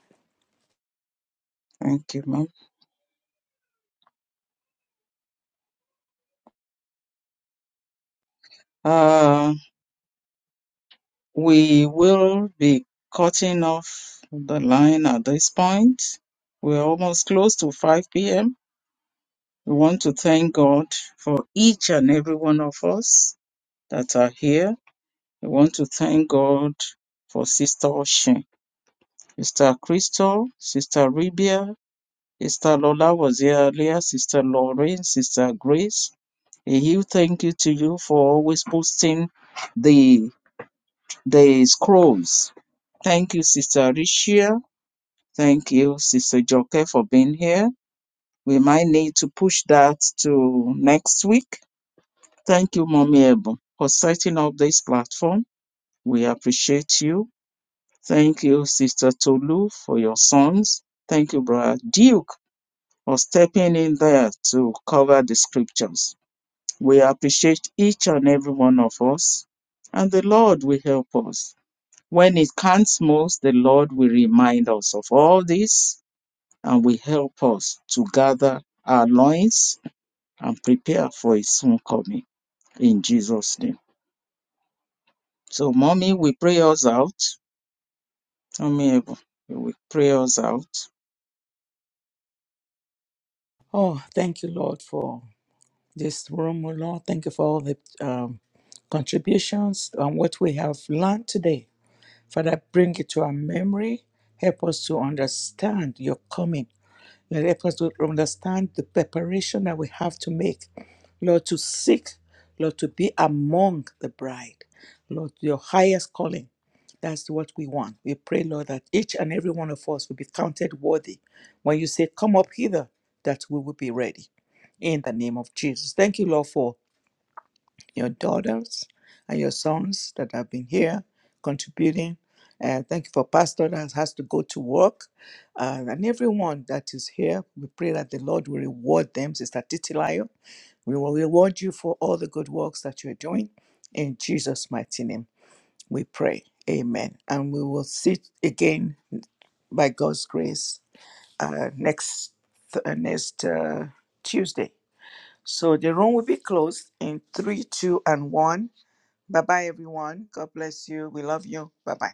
Thank you, ma'am. Uh, We will be cutting off the line at this point. We're almost close to 5 p.m. We want to thank God for each and every one of us that are here. We want to thank God for Sister Oshin, Sister Crystal, Sister Ribia, Sister Lola was here earlier, Sister Lauren, Sister Grace. A huge thank you to you for always posting the the scrolls. Thank you, Sister Rishia. Thank you, Sister Joke, for being here. We might need to push that to next week. Thank you, Mommy Ebo, for setting up this platform. We appreciate you. Thank you, Sister Tolu, for your sons. Thank you, Brother Duke, for stepping in there to cover the scriptures. We appreciate each and every one of us, and the Lord will help us. When it counts most, the Lord will remind us of all this and will help us to gather our loins and prepare for his soon coming in Jesus' name. So, mommy, we pray us out. Mommy, Evo, we pray us out. Oh, thank you, Lord, for this room, oh Lord. Thank you for all the um, contributions and what we have learned today. Father, bring it to our memory. Help us to understand your coming Lord, help us to understand the preparation that we have to make, Lord, to seek, Lord, to be among the bride, Lord, your highest calling. That's what we want. We pray, Lord, that each and every one of us will be counted worthy. When you say, Come up hither, that we will be ready. In the name of Jesus. Thank you, Lord, for your daughters and your sons that have been here contributing. Uh, thank you for Pastor that has to go to work. Uh, and everyone that is here, we pray that the Lord will reward them. Sister Titilayo, we will reward you for all the good works that you're doing. In Jesus' mighty name, we pray. Amen. And we will see again by God's grace uh, next uh, next uh, Tuesday. So the room will be closed in three, two, and one. Bye bye, everyone. God bless you. We love you. Bye bye.